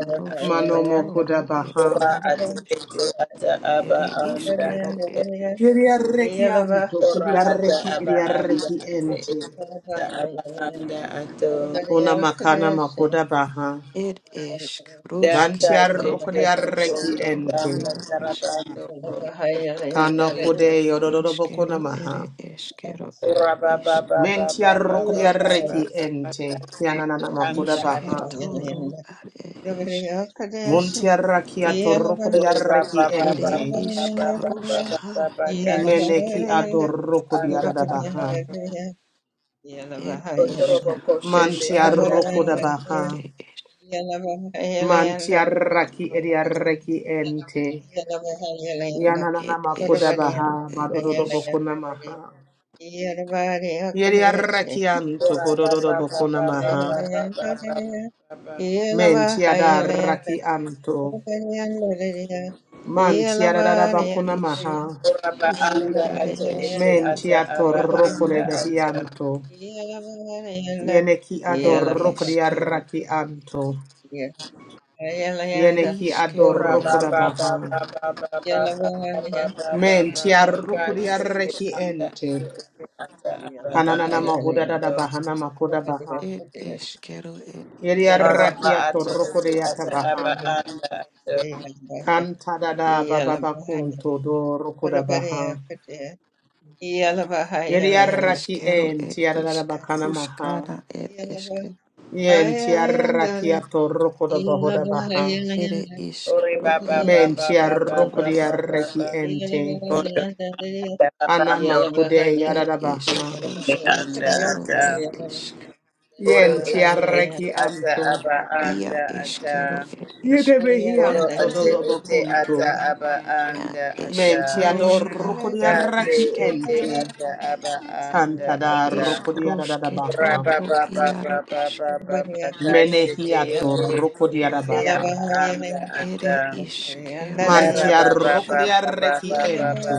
Manomoko da rusketoro et baha. iaro isk ete ata aba ere anda iskero ato. et Iri isk arreki anto, kudi Ora iaro ata arreki, aba iri sketoro anda arreki ate ente. ete ata aba anda ato. Una makana makoda baha. et esk Data Bantia rusketo roko tende di Yeah. arreki bakondo rusketoro tanda ente. iaro isk tarabando kondo kondo Kana koyete. kude yodododo eskero bokona ere maha. eskero Ora baba et baba Mentia baba roko baba di baba arreki baba ente. Kiana tende nana makoda anda Ishke baha. toro ad ed eshke. Muntia rakia toroko di Oraba arreki Ere ente. ishkarushka ed eshke. Meneki adoroko di adadabaha. Ed Mantia ishkarushke roko da toro baha. ere eshke. Mantia raki ediareki ente. Yananana Ed makoda eshkero baha. ed Badododo ishk. bokona maha. Yediareki anto godododo bokona maha. Yeah. Mentia da raki anto. Mantia da da Ed bakona maha. ishkarushka ere eshkero a. Mentia toroko de behianto. Yeneki Ed adoroko di eshkero araki anto. Yeneki ishkero adoroko ere da ba eshke. Ashke Menti toro arrukuri ed ishk. arreki ate ente. ete ata aba Ananana anda mahuda dada ata. bahana makuda baha. Ed eshkero ed Yeri ishk. arraki atorrukuri atabaha. Kanta dada baba bakunto do rukuda baha. Yeri Yalabahayalayanda. arraki Eshkero ed enti adada ishk. bakana maha. Ruskana ed eshke. Yenti Yalabahayalayanda. arraki atorrukuda bahuda baha. Ere Yalabahayalayanda. Yalabahayalayanda. Ore ba iskru ba er ba ba Menti ba eske ba toro ba arrukuri er ba ba is. ba. arreki ente. Ore Yalabahayalayanda. anda anda anda Anamakude Er Yalabahayalayanda. yadada baha. iskruske anda toro ata. er isk. Ore Yenti ete ete arreki ata anto. aba Ia anda ata. eskero er eske. Oro Yedebehiam ete ete ata tododobocunto. aba Ia anda ata. Mentiador eskruska er Kate rucodiaraki iske. ete ente. ata aba anda Cantada ata. Iskruske Ora rucodiarabaha. ba toro ba ba ba iaro ba ba eske. ba ba. Kashete Menehiato ete ete ete rucodiarabaha. aba anda Yalabahayalayanda. Ere ata. Yeah. iskero er Mantia is. rucodiaraki ente.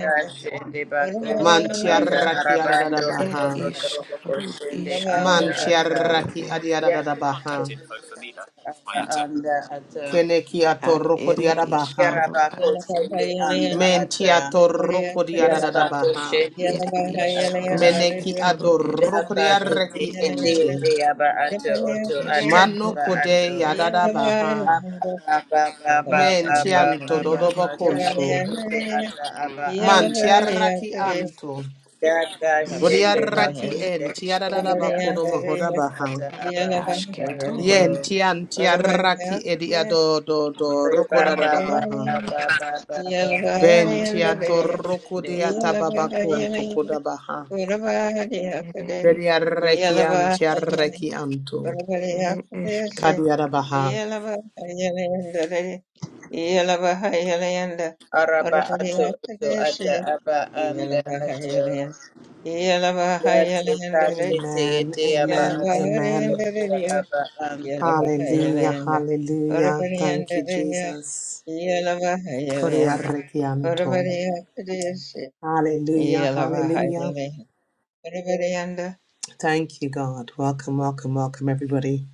Kashende bakundu Mantia anda raki arabando Er adadabaha. robondo torobo iskru koshende anda Mantia iskruske ata toro raki er. yara adiadadabaha. tekende ata anda ata Kenekiato Ad ere rucodiarabaha. iskero yaraba ad. koshende anda ata Mentiato yaraba rucodiarabaha. koshende Ere anda ata iskruske Meneki toro ere daka adorokria is. tuti reki ete ente. ete yaba ato oto ata Mano Eskero aba ere ato kode iaro yadada isk baha. Aba aba aba aba Mentianto aba iaro dodobo conto. esketoro kakete ata aba anda Mantiaraki ato anto. daka shende iskaro bako Bodiaraki ed enti shende eske yadada anda bakodo ate mahoda ete baha. ata aba anda ato asketoro i- Yeah. Yentiantiaraki ediado do do reba rokoda ba dada ba baha. ba ba ba ba ba ba ba esketoro iaro Bentiato ba isk shende rokodiata anda aba babakunto anda koda baha. ere isk Bediareki antiareki anto. ere eskero. Kadiada baha. araba ato ato ata aba anda ato ya te kakete Amen, ete aba amen, ato ato amen. ata aba anda ato Hallelujah, hallelujah. Thank you, Jesus. Korea Yelavahayalanda, rekianto. Varvareyakadesi, Hallelujah, hallelujah. Yelavahayalanda, Varvareyanda. Thank you, God. Welcome, welcome, welcome, everybody,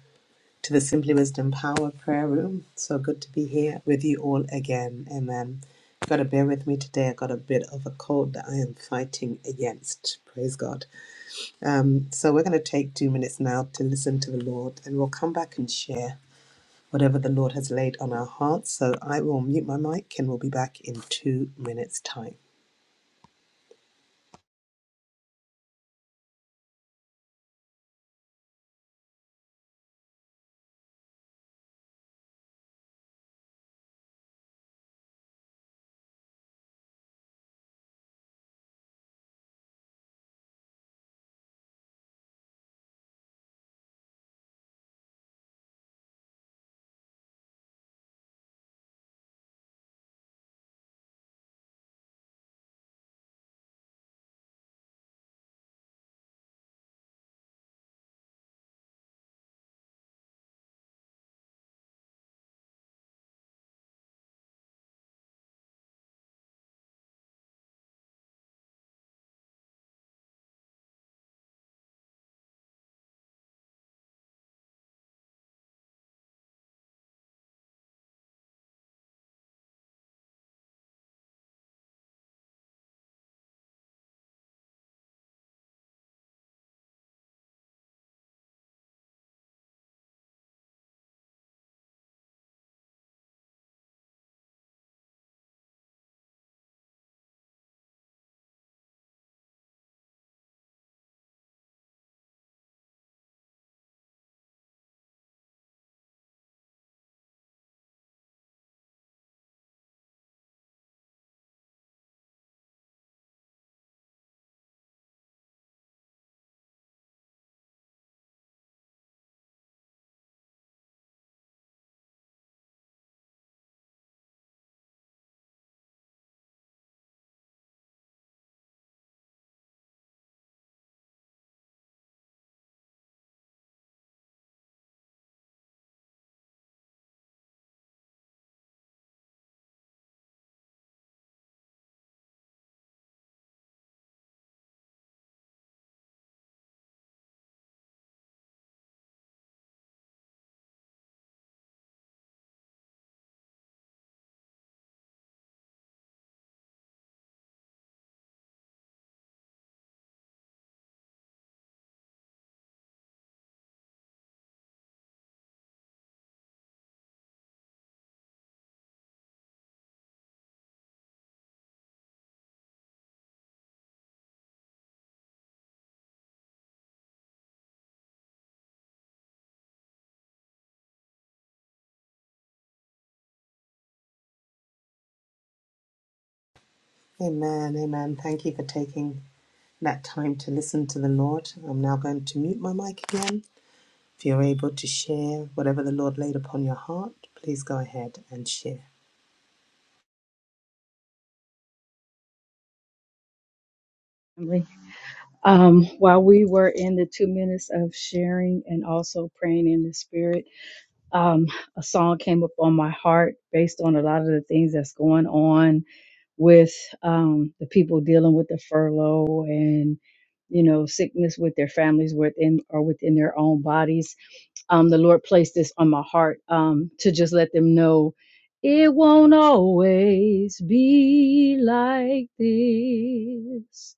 to the Simply Wisdom Power Prayer Room. So good to be here with you all again. Amen. got to bear with me today. I got a bit of a cold that I am fighting against. Praise God. Um, so we're going to take two minutes now to listen to the Lord, and we'll come back and share. whatever the Lord has laid on our hearts. So I will mute my mic and we'll be back in two minutes' time. Amen, amen. Thank you for taking that time to listen to the Lord. I'm now going to mute my mic again. If you're able to share whatever the Lord laid upon your heart, please go ahead and share. family. Um, while we were in the two minutes of sharing and also praying in the spirit, um, a song came up on my heart based on a lot of the things that's going on with um, the people dealing with the furlough and you know sickness with their families within or within their own bodies. Um, the Lord placed this on my heart um, to just let them know it won't always be like this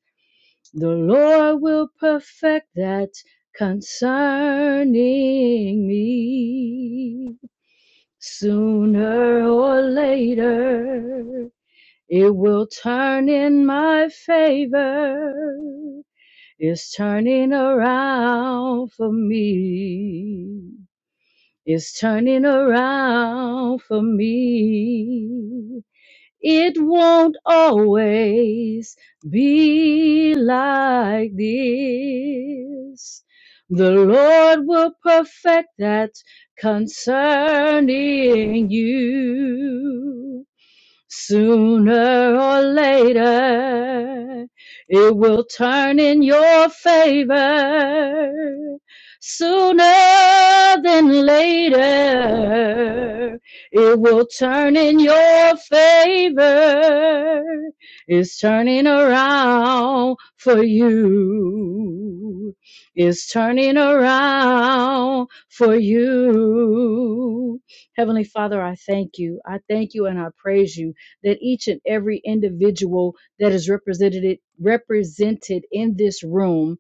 the Lord will perfect that concerning me. Sooner or later, it will turn in my favor. It's turning around for me. It's turning around for me. It won't always be like this. The Lord will perfect that concerning you. Sooner or later, it will turn in your favor. Sooner than later, it will turn in your favor. It's turning around for you. It's turning around for you. Heavenly Father, I thank you. I thank you and I praise you that each and every individual that is represented represented in this room,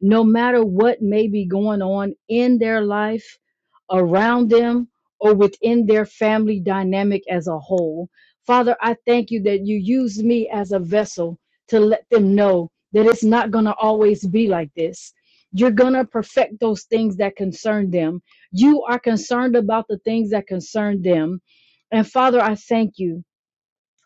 no matter what may be going on in their life, around them, or within their family dynamic as a whole. Father, I thank you that you use me as a vessel to let them know that it's not going to always be like this. You're going to perfect those things that concern them. You are concerned about the things that concern them. And Father, I thank you.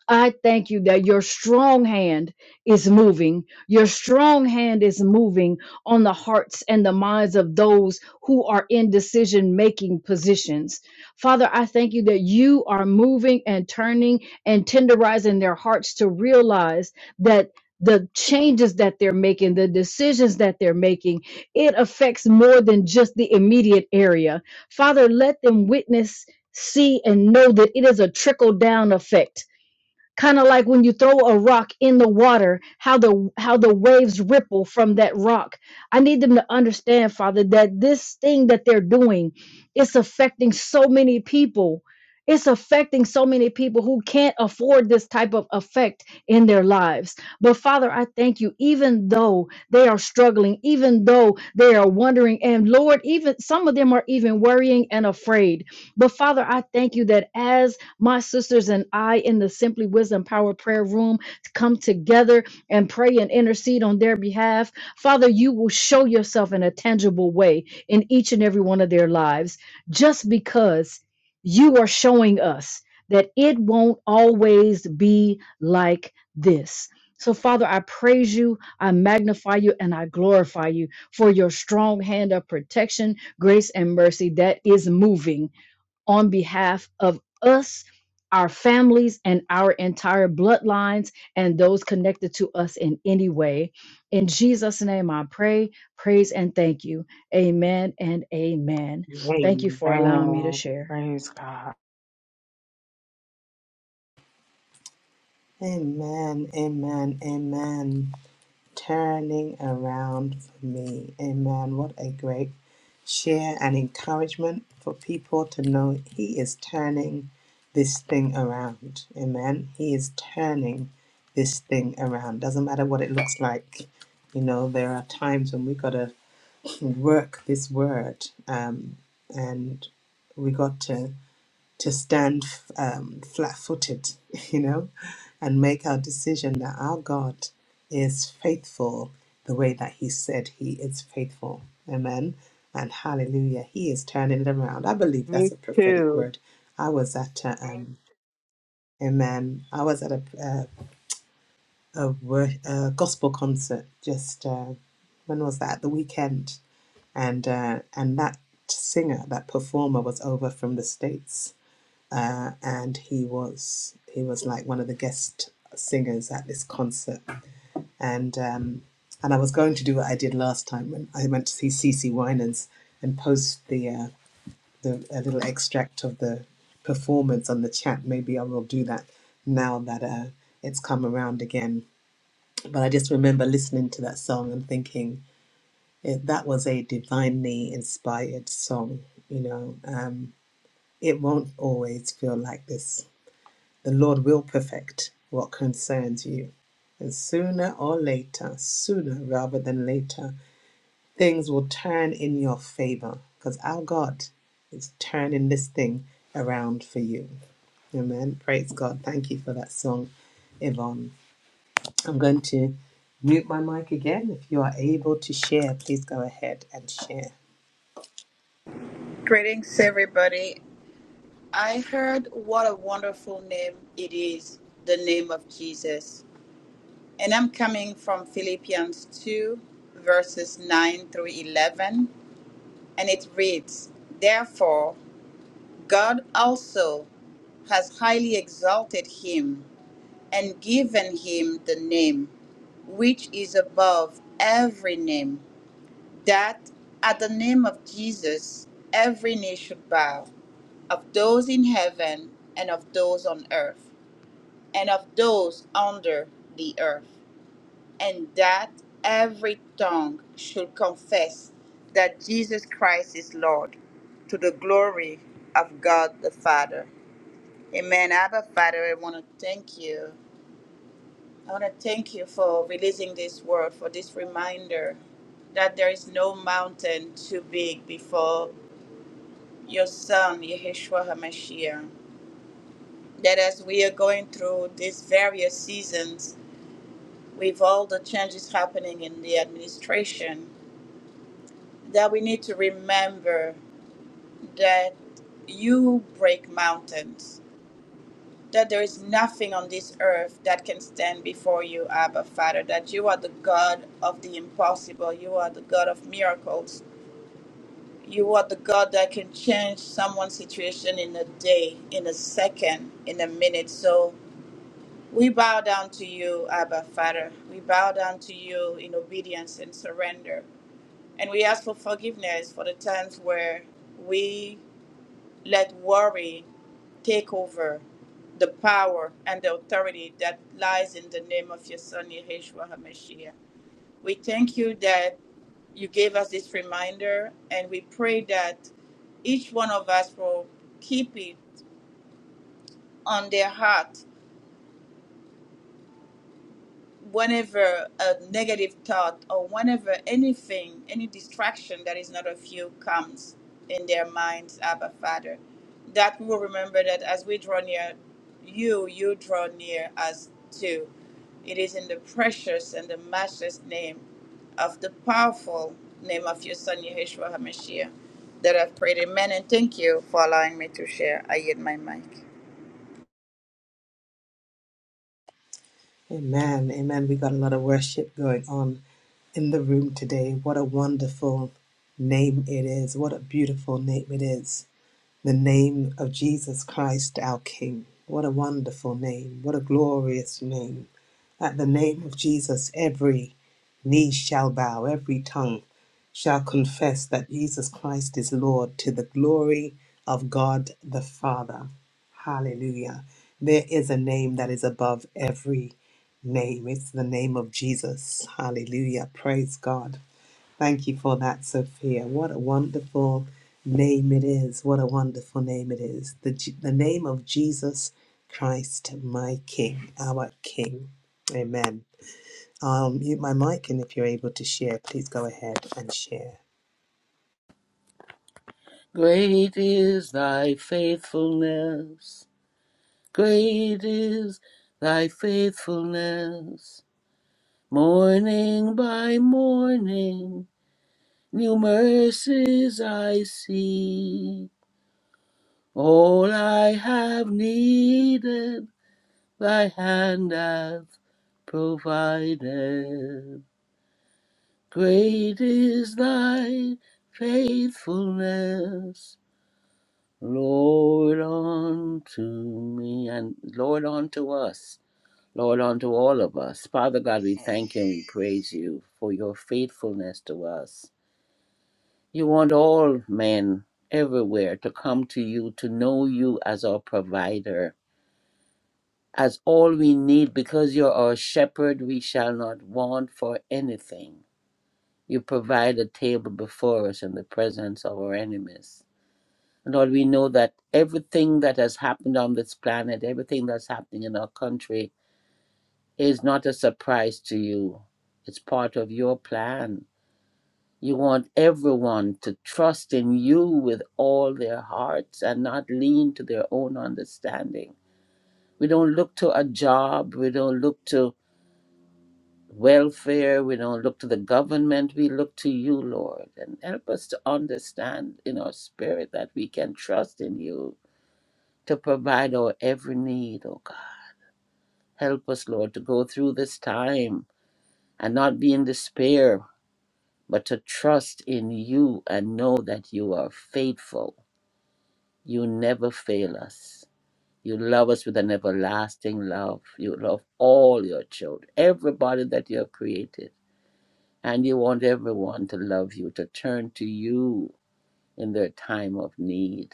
I thank you that your strong hand is moving. Your strong hand is moving on the hearts and the minds of those who are in decision making positions. Father, I thank you that you are moving and turning and tenderizing their hearts to realize that. The changes that they're making, the decisions that they're making, it affects more than just the immediate area. Father, let them witness, see, and know that it is a trickle down effect kind of like when you throw a rock in the water how the how the waves ripple from that rock i need them to understand father that this thing that they're doing it's affecting so many people it's affecting so many people who can't afford this type of effect in their lives. But Father, I thank you, even though they are struggling, even though they are wondering, and Lord, even some of them are even worrying and afraid. But Father, I thank you that as my sisters and I in the Simply Wisdom Power Prayer Room come together and pray and intercede on their behalf. Father, you will show yourself in a tangible way in each and every one of their lives just because you are showing us that it won't always be like this. So, Father, I praise you, I magnify you, and I glorify you for your strong hand of protection, grace, and mercy that is moving on behalf of us, our families, and our entire bloodlines and those connected to us in any way. In Jesus' name, I pray, praise, and thank you. Amen and amen. Thank you for allowing me to Amen. share. Praise God. Amen, amen, amen. turning around for me. Amen. What a great share and encouragement for people to know He is turning this thing around. Amen. He is turning this thing around. Doesn't matter what it looks like. You know, there are times when we got to work this word um, and we got to to stand um, flat footed, (laughs) you know, and make our decision that our God is faithful the way that He said He is faithful. Amen. And hallelujah. He is turning it around. I believe that's Me a prophetic too. word. I was at a, um, amen. I was at a, uh, a, wor- a gospel concert just, uh, when was that? The weekend. And, uh, and that singer, that performer was over from the States uh, and he was he was like one of the guest singers at this concert, and um, and I was going to do what I did last time when I went to see Cece Winans and post the uh, the a little extract of the performance on the chat. Maybe I will do that now that uh, it's come around again. But I just remember listening to that song and thinking it, that was a divinely inspired song. You know, um, it won't always feel like this The Lord will perfect what concerns you. And sooner or later, sooner rather than later, things will turn in your favor because our God is turning this thing around for you. Amen. Praise God. Thank you for that song, Yvonne. I'm going to mute my mic again. If you are able to share, please go ahead and share. Greetings, everybody. I heard what a wonderful name it is, the name of Jesus. And I'm coming from Philippians 2, verses 9 through 11. And it reads Therefore, God also has highly exalted him and given him the name which is above every name, that at the name of Jesus every knee should bow of those in heaven and of those on earth and of those under the earth, and that every tongue should confess that Jesus Christ is Lord to the glory of God the Father. Amen. Abba, Father, I want to thank you. I want to thank you for releasing this word, for this reminder that there is no mountain too big before your Son, Yeshua HaMashiach. that as we are going through these various seasons with all the changes happening in the administration, that we need to remember that you break mountains, that there is nothing on this earth that can stand before you, Abba Father, that you are the God of the impossible, you are the God of miracles. You are the God that can change someone's situation in a day, in a second, in a minute. So, We bow down to you, Abba Father. We bow down to you in obedience and surrender. And we ask for forgiveness for the times where we let worry take over the power and the authority that lies in the name of your Son, Yeshua HaMashiach. We thank you that you gave us this reminder, and we pray that each one of us will keep it on their heart whenever a negative thought or whenever anything, any distraction that is not of you comes in their minds, Abba Father, that we will remember that as we draw near you, you draw near us too. It is in the precious and the matchless name of the powerful name of your Son, Yeshua HaMashiach, that I've prayed. Amen. And thank you for allowing me to share. I yield my mic. Amen. Amen. We got a lot of worship going on in the room today. What a wonderful name it is. What a beautiful name it is. The name of Jesus Christ, our King. What a wonderful name. What a glorious name. At the name of Jesus, every knee shall bow, every tongue shall confess that Jesus Christ is Lord to the glory of God the Father. Hallelujah. There is a name that is above every name. It's the name of Jesus. Hallelujah. Praise God. Thank you for that, Sophia. What a wonderful name it is. What a wonderful name it is. The, J- the name of Jesus Christ, my King, our King. Amen. I'll mute my mic, and if you're able to share, please go ahead and share. Great is thy faithfulness. Great is thy faithfulness. Morning by morning, new mercies I see. All I have needed, thy hand hath provided. Great is thy faithfulness. Lord unto me and Lord unto us, Lord unto all of us. Father God, we thank you and we praise you for your faithfulness to us. You want all men everywhere to come to you, to know you as our provider, as all we need, because you're our shepherd, we shall not want for anything. You provide a table before us in the presence of our enemies. And Lord, we know that everything that has happened on this planet, everything that's happening in our country, is not a surprise to you. It's part of your plan. You want everyone to trust in you with all their hearts and not lean to their own understanding. We don't look to a job, we don't look to welfare, we don't look to the government, we look to you, Lord. And help us to understand in our spirit that we can trust in you to provide our every need, oh God. Help us, Lord, to go through this time and not be in despair, but to trust in you and know that you are faithful. You never fail us. You love us with an everlasting love. You love all your children, everybody that you have created. And you want everyone to love you, to turn to you in their time of need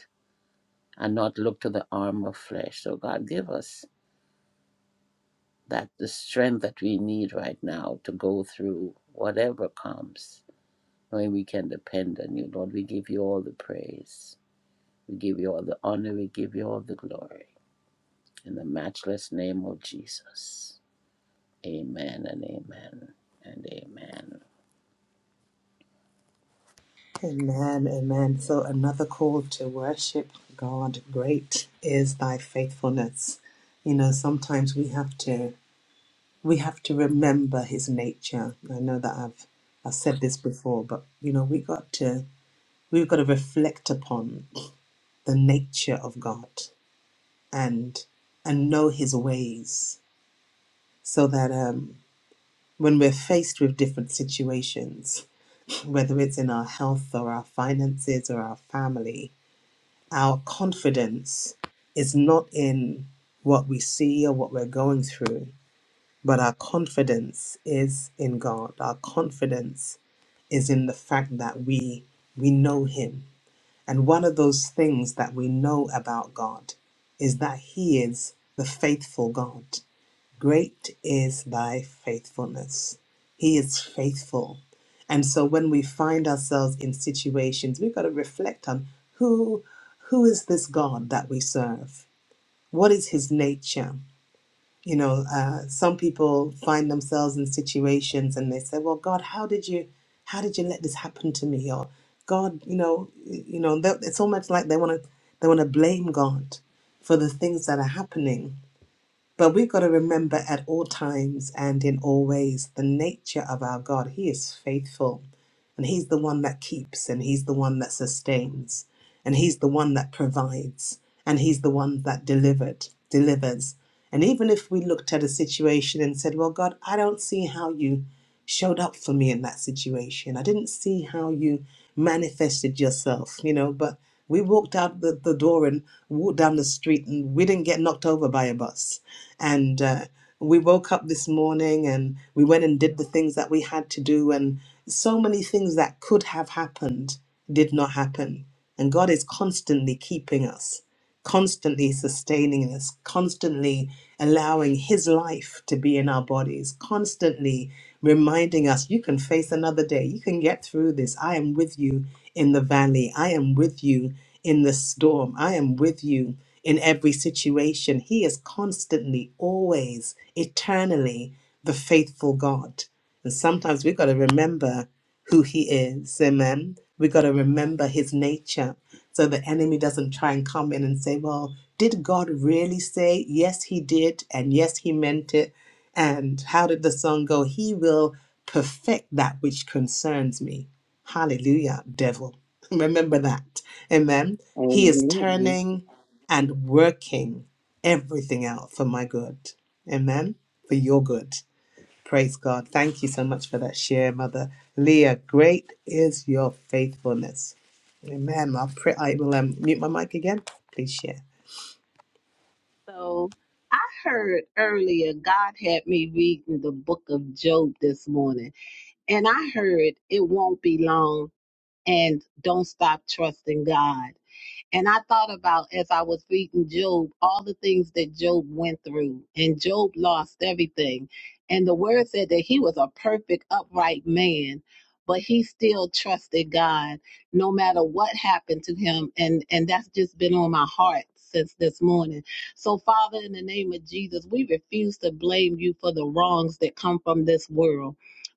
and not look to the arm of flesh. So, God, give us that the strength that we need right now to go through whatever comes, knowing we can depend on you. Lord, we give you all the praise. We give you all the honor. We give you all the glory. In the matchless name of Jesus. Amen and amen and amen. Amen, amen. So, another call to worship God. Great is thy faithfulness. You know, sometimes we have to. we have to remember his nature. I know that I've I've said this before, but you know, we got to we've got to reflect upon the nature of God and and know his ways so that um when we're faced with different situations, whether it's in our health or our finances or our family, our confidence is not in what we see or what we're going through, but our confidence is in God. Our confidence is in the fact that we we know him and one of those things that we know about god is that he is the faithful god great is thy faithfulness he is faithful and so when we find ourselves in situations we've got to reflect on who who is this god that we serve what is his nature you know, uh, some people find themselves in situations and they say, "Well, God, how did you, how did you let this happen to me?" Or, "God, you know, y- you know." they- It's almost like they want to, they want to blame God for the things that are happening. But we've got to remember at all times and in all ways the nature of our God. He is faithful, and He's the one that keeps, and He's the one that sustains and he's the one that provides and he's the one that delivered delivers and even if we looked at a situation and said well god i don't see how you showed up for me in that situation i didn't see how you manifested yourself you know but we walked out the, the door and walked down the street and we didn't get knocked over by a bus and uh, we woke up this morning and we went and did the things that we had to do and so many things that could have happened did not happen. And God is constantly keeping us, constantly sustaining us, constantly allowing His life to be in our bodies, constantly reminding us, you can face another day. You can get through this. I am with you in the valley. I am with you in the storm. I am with you in every situation. He is constantly, always, eternally the faithful God. And sometimes we got to remember who he is. Amen. We got to remember his nature so the enemy doesn't try and come in and say, well, did God really say, yes, he did, and yes, he meant it? And how did the song go? He will perfect that which concerns me. Hallelujah, devil. (laughs) Remember that. Amen. He is Amen. turning and working everything out for my good. Amen. For your good. Praise God. Thank you so much for that share, Mother Leah. Great is your faithfulness. Amen. I'll pray. I will um, mute my mic again. Please share. So I heard earlier God had me reading the book of Job this morning, and I heard it won't be long and don't stop trusting God. And I thought about as I was reading Job, all the things that Job went through, and Job lost everything. And the word said that he was a perfect, upright man, but he still trusted God no matter what happened to him. And, and that's just been on my heart since this morning. So, Father, in the name of Jesus, we refuse to blame you for the wrongs that come from this world.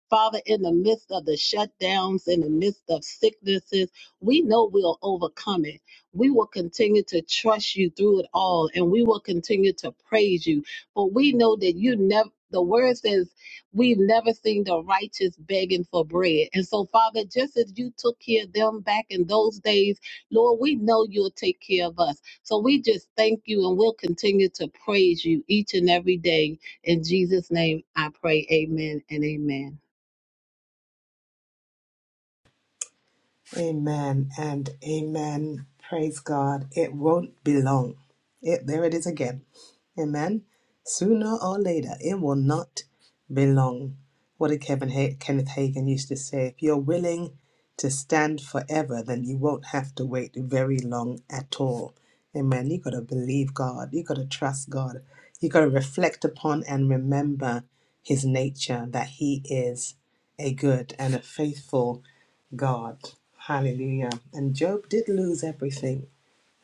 Father, in the midst of the shutdowns, in the midst of sicknesses, we know we'll overcome it we will continue to trust you through it all and we will continue to praise you. For we know that you never, the word says, we've never seen the righteous begging for bread. And so, Father, just as you took care of them back in those days, Lord, we know you'll take care of us. So we just thank you and we'll continue to praise you each and every day. In Jesus' name, I pray, amen and amen. Amen and amen. Praise God. It won't be long. It, there it is again. Amen. Sooner or later, it will not be long. What did Kevin ha- Kenneth Hagin used to say? If you're willing to stand forever, then you won't have to wait very long at all. Amen. You got to believe God. You got to trust God. You got to reflect upon and remember His nature that He is a good and a faithful God. Hallelujah. And Job did lose everything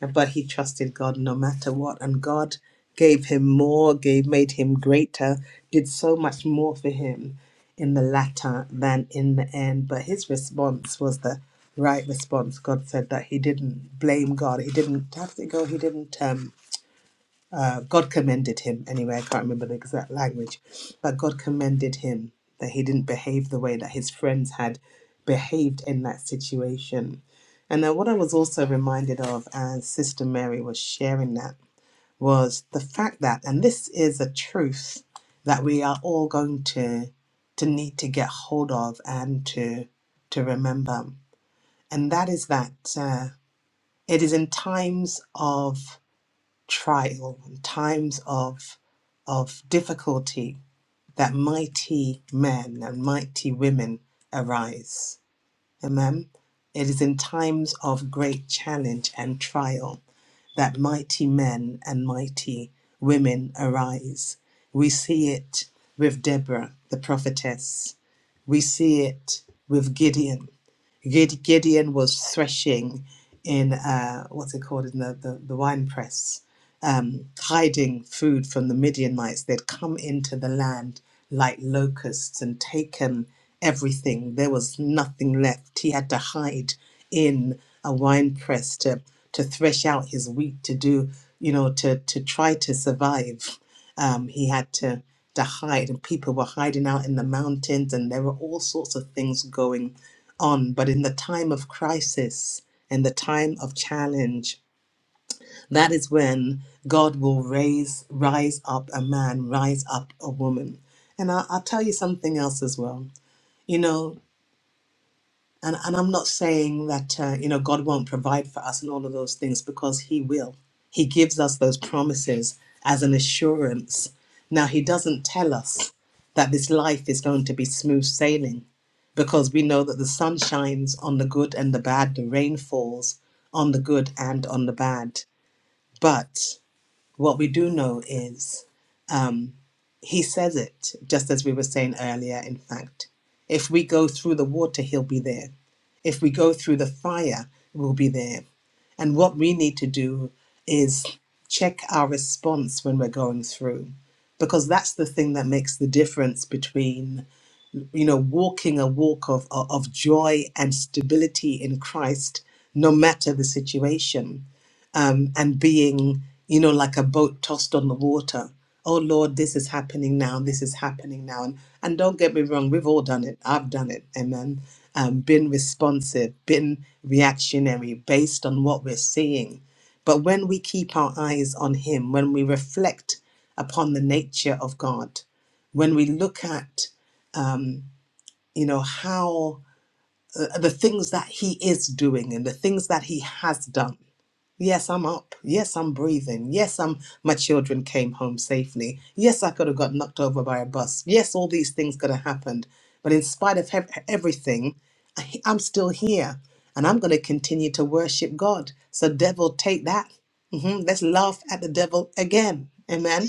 but he trusted God no matter what. And God gave him more, gave made him greater, did so much more for him in the latter than in the end. But his response was the right response. God said that he didn't blame God. He didn't have to go. He didn't um, uh, God commended him. Anyway, I can't remember the exact language, but God commended him that he didn't behave the way that his friends had behaved in that situation. And then what I was also reminded of as Sister Mary was sharing that was the fact that, and this is a truth that we are all going to to need to get hold of and to to remember, and that is that uh, it is in times of trial, and times of, of difficulty, that mighty men and mighty women arise. Amen. It is in times of great challenge and trial that mighty men and mighty women arise. We see it with Deborah, the prophetess. We see it with Gideon Gid- Gideon was threshing in uh, what's it called in the, the, the wine press, um, hiding food from the Midianites. They'd come into the land like locusts and taken everything. There was nothing left. He had to hide in a wine press to to thresh out his wheat to do, you know, to to try to survive. Um, he had to to hide, and people were hiding out in the mountains, and there were all sorts of things going on, but in the time of crisis in the time of challenge, that is when God will raise, rise up a man, rise up a woman. And I'll, I'll tell you something else as well. You know, and, and I'm not saying that, uh, you know, God won't provide for us and all of those things because He will. He gives us those promises as an assurance. Now, He doesn't tell us that this life is going to be smooth sailing because we know that the sun shines on the good and the bad, the rain falls on the good and on the bad. But what we do know is um, he says it, just as we were saying earlier, in fact. If we go through the water, He'll be there. If we go through the fire, we'll be there. And what we need to do is check our response when we're going through, because that's the thing that makes the difference between, you know, walking a walk of, of of joy and stability in Christ, no matter the situation um, and being, you know, like a boat tossed on the water. Oh Lord, this is happening now. This is happening now. And and don't get me wrong, we've all done it. I've done it. Amen. Um, been responsive, been reactionary based on what we're seeing. But when we keep our eyes on Him, when we reflect upon the nature of God, when we look at you know how uh, the things that He is doing and the things that He has done Yes, I'm up. Yes, I'm breathing. Yes, I'm my children came home safely. Yes, I could have got knocked over by a bus. Yes, all these things could have happened. But in spite of hev- everything, I- I'm still here and I'm going to continue to worship God. So devil, take that. hmm Let's laugh at the devil again. Amen.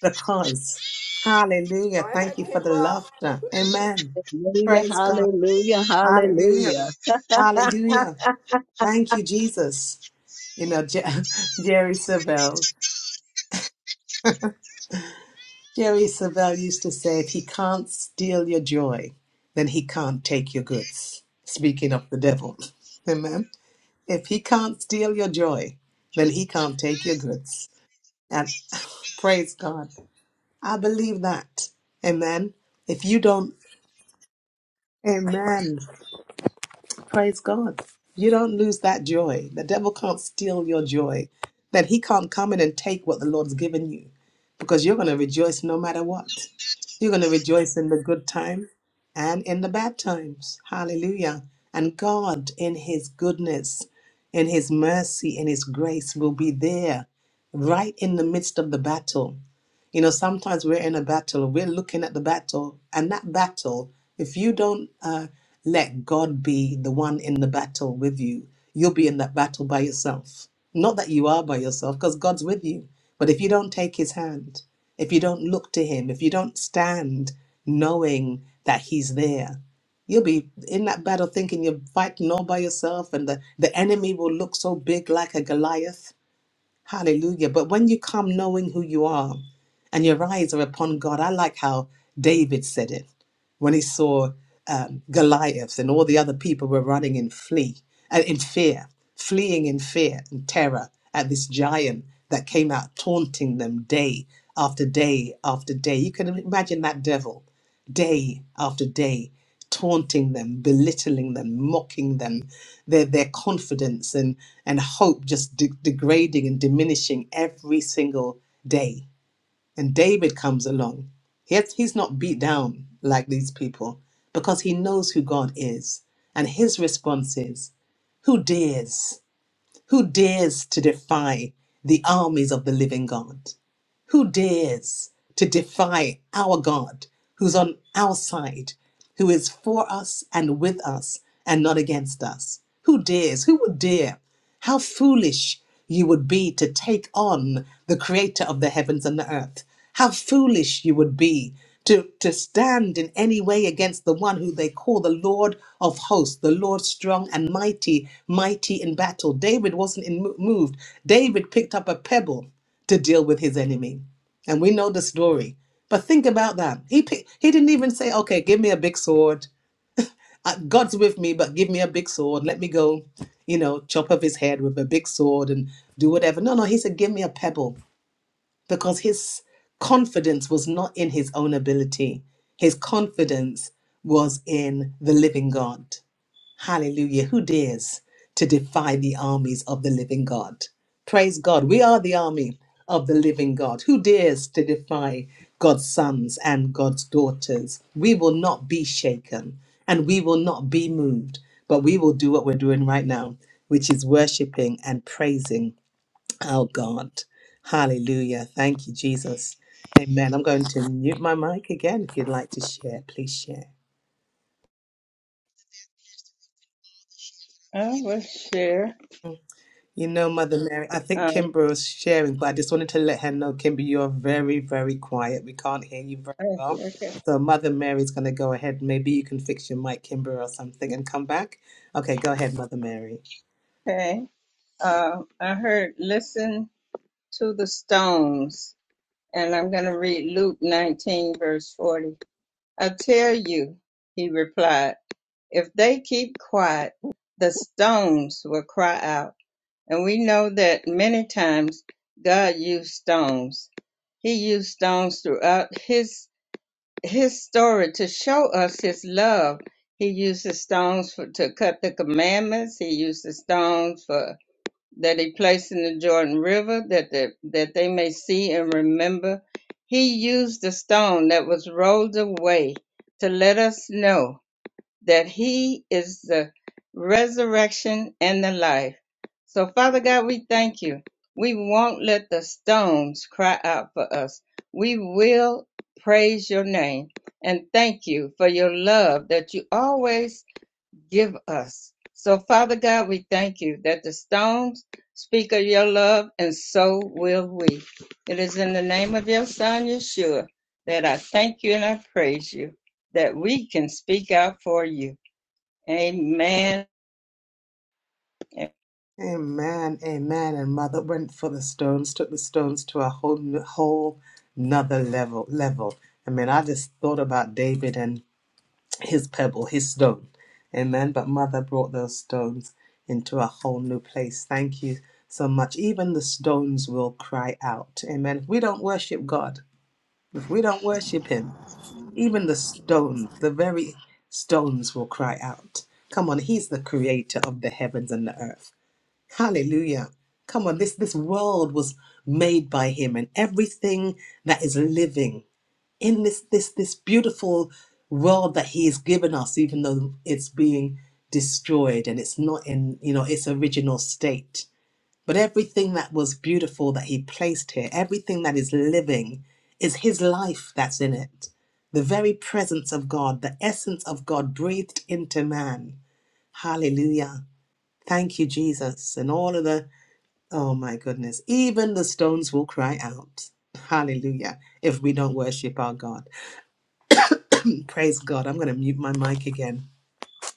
Because hallelujah, Go thank ahead, you for the Kimbra. laughter. Amen. Hallelujah, Praise God. hallelujah, hallelujah. Hallelujah. Hallelujah. Thank you, Jesus. You know, Jer- (laughs) Jerry Savelle. Jerry Savelle used to say, if he can't steal your joy, then he can't take your goods. Speaking of the devil. (laughs) Amen. If he can't steal your joy, then he can't take your goods. And (laughs) praise God. I believe that. Amen. If you don't, amen. Praise God. You don't lose that joy. The devil can't steal your joy. That he can't come in and take what the Lord's given you because you're going to rejoice no matter what. You're going to rejoice in the good time and in the bad times. Hallelujah. And God, in his goodness, in his mercy, in his grace, will be there right in the midst of the battle. You know, sometimes we're in a battle, we're looking at the battle, and that battle, if you don't uh, let God be the one in the battle with you, you'll be in that battle by yourself. Not that you are by yourself, because God's with you. But if you don't take his hand, if you don't look to him, if you don't stand knowing that he's there, you'll be in that battle thinking you're fighting all by yourself and the, the enemy will look so big like a Goliath Hallelujah. But when you come knowing who you are and your eyes are upon God, I like how David said it when he saw um, Goliath and all the other people were running in flee uh, in fear, fleeing in fear and terror at this giant that came out taunting them day after day after day. You can imagine that devil day after day, taunting them, belittling them, mocking them, their their confidence and and hope just de- degrading and diminishing every single day. And David comes along. Yet he's not beat down like these people because he knows who God is. And his response is, "Who dares? Who dares to defy the armies of the living God?" Who dares to defy our God who's on our side, who is for us and with us and not against us? Who dares? Who would dare? How foolish you would be to take on the creator of the heavens and the earth. How foolish you would be to, to stand in any way against the one who they call the Lord of hosts, the Lord strong and mighty, mighty in battle. David wasn't in, moved. David picked up a pebble to deal with his enemy. And we know the story. But think about that. He pick, he didn't even say, "Okay, give me a big sword. Uh, God's with me, but give me a big sword. Let me go, you know, chop off his head with a big sword and do whatever." No, no, he said, "Give me a pebble." Because his confidence was not in his own ability. His confidence was in the living God. Hallelujah. Who dares to defy the armies of the living God? Praise God. We are the army of the living God. Who dares to defy God's sons and God's daughters? We will not be shaken and we will not be moved, but we will do what we're doing right now, which is worshiping and praising our God. Hallelujah. Thank you, Jesus. Amen. I'm going to mute my mic again. If you'd like to share, please share. I will share. You know, Mother Mary, I think Um, Kimber was sharing, but I just wanted to let her know, Kimber, you're very, very quiet. We can't hear you very eh, well. okay. So Mother Mary's going to go ahead. Maybe you can fix your mic, Kimber, or something and come back. Okay, go ahead, Mother Mary. okay. Um, I heard, listen to the stones, and I'm going to read Luke 19, verse 40. I tell you, he replied, if they keep quiet, the stones will cry out. And we know that many times God used stones. He used stones throughout his his story to show us his love. He uses stones for, to cut the commandments. He uses stones for that he placed in the Jordan River that the, that they may see and remember. He used the stone that was rolled away to let us know that he is the resurrection and the life. So, Father God, we thank you. We won't let the stones cry out for us. We will praise your name and thank you for your love that you always give us. So, Father God, we thank you that the stones speak of your love, and so will we. It is in the name of your Son, Yeshua, that I thank you and I praise you that we can speak out for you. Amen. I'm going Amen, amen. And Mother went for the stones, took the stones to a whole, n- whole another level. Level. I mean, I just thought about David and his pebble, his stone. Amen. But Mother brought those stones into a whole new place. Thank you so much. Even the stones will cry out. Amen. If we don't worship God, if we don't worship Him, even the stones, the very stones will cry out. Come on, He's the creator of the heavens and the earth. Hallelujah. Come on, this, this world was made by Him, and everything that is living in this this this beautiful world that he has given us even though it's being destroyed and it's not in you know its original state but everything that was beautiful that he placed here everything that is living is his life that's in it the very presence of god the essence of god breathed into man hallelujah thank you jesus and all of the oh my goodness even the stones will cry out hallelujah if we don't worship our god Praise God. I'm going to mute my mic again.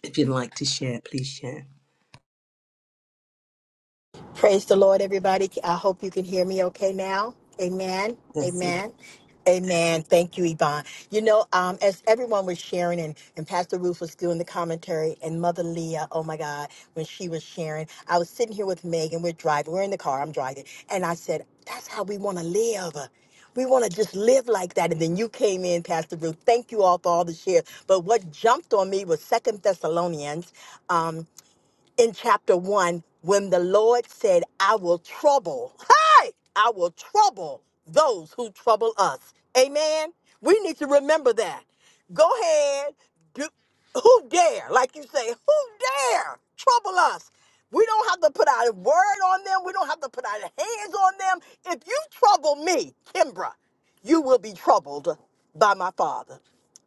If you'd like to share, please share. Praise the Lord, everybody. I hope you can hear me okay now. Amen. Yes, we can. Amen. Amen. Thank you, Yvonne. You know, um, as everyone was sharing, and, and Pastor Ruth was doing the commentary, and Mother Leah, oh my God, when she was sharing, I was sitting here with Megan. We're driving. We're in the car. I'm driving. And I said, That's how we want to live. We want to just live like that. And then you came in, Pastor Ruth. Thank you all for all the shares. But what jumped on me was Second Thessalonians. um, in chapter 1 when the Lord said, I will trouble, hey, I will trouble those who trouble us. Amen. We need to remember that. Go ahead. Do, who dare, like you say, who dare trouble us? We don't have to put our word on them. We don't have to put our hands on them. If you trouble me, Kimbra, you will be troubled by my father.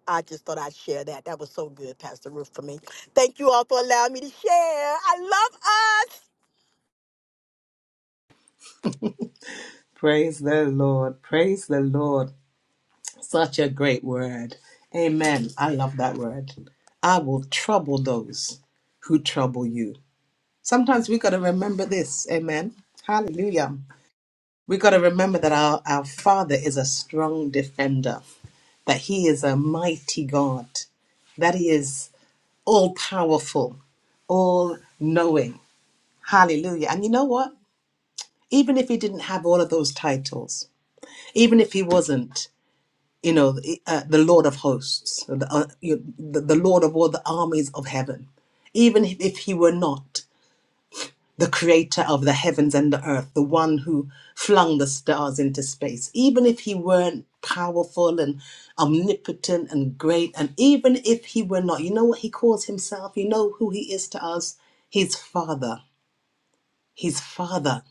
I just thought I'd share that. That was so good, Pastor Ruth, for me. Thank you all for allowing me to share. I Praise the Lord. Praise the Lord. Such a great word. Amen. I love that word. I will trouble those who trouble you. Sometimes we got to remember this. Amen. Hallelujah. We got to remember that our, our Father is a strong defender, that He is a mighty God, that He is all powerful, all knowing Hallelujah. And you know what? Even if he didn't have all of those titles, even if he wasn't, you know, the, uh, the Lord of hosts, the, uh, you the, the Lord of all the armies of heaven, even if if he were not the creator of the heavens and the earth, the one who flung the stars into space, even if he weren't powerful and omnipotent and great, and even if he were not, you know what he calls himself? You know who he is to us? His Father. His Father.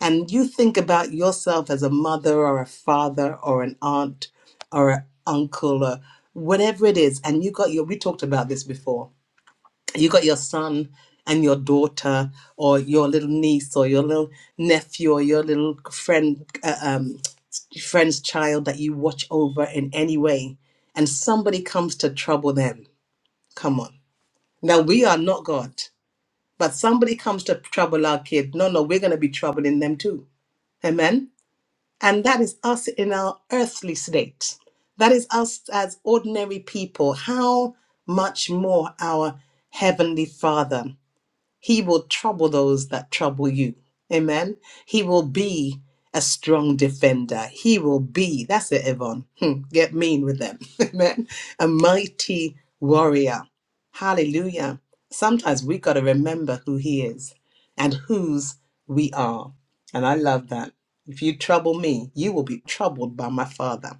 and you think about yourself as a mother or a father or an aunt or an uncle or whatever it is, and you got your, we talked about this before, you got your son and your daughter or your little niece or your little nephew or your little friend, uh, um, friend's child that you watch over in any way, and somebody comes to trouble them. Come on. Now, we are not God, but somebody comes to trouble our kid. No, no, we're going to be troubling them too. Amen. And that is us in our earthly state. That is us as ordinary people. How much more our Heavenly Father? He will trouble those that trouble you. Amen. He will be a strong defender. He will be, that's it, Yvonne. Hmm, get mean with them. (laughs) Amen. A mighty warrior. Hallelujah. Sometimes we got to remember who he is and whose we are. And I love that. If you trouble me, you will be troubled by my father.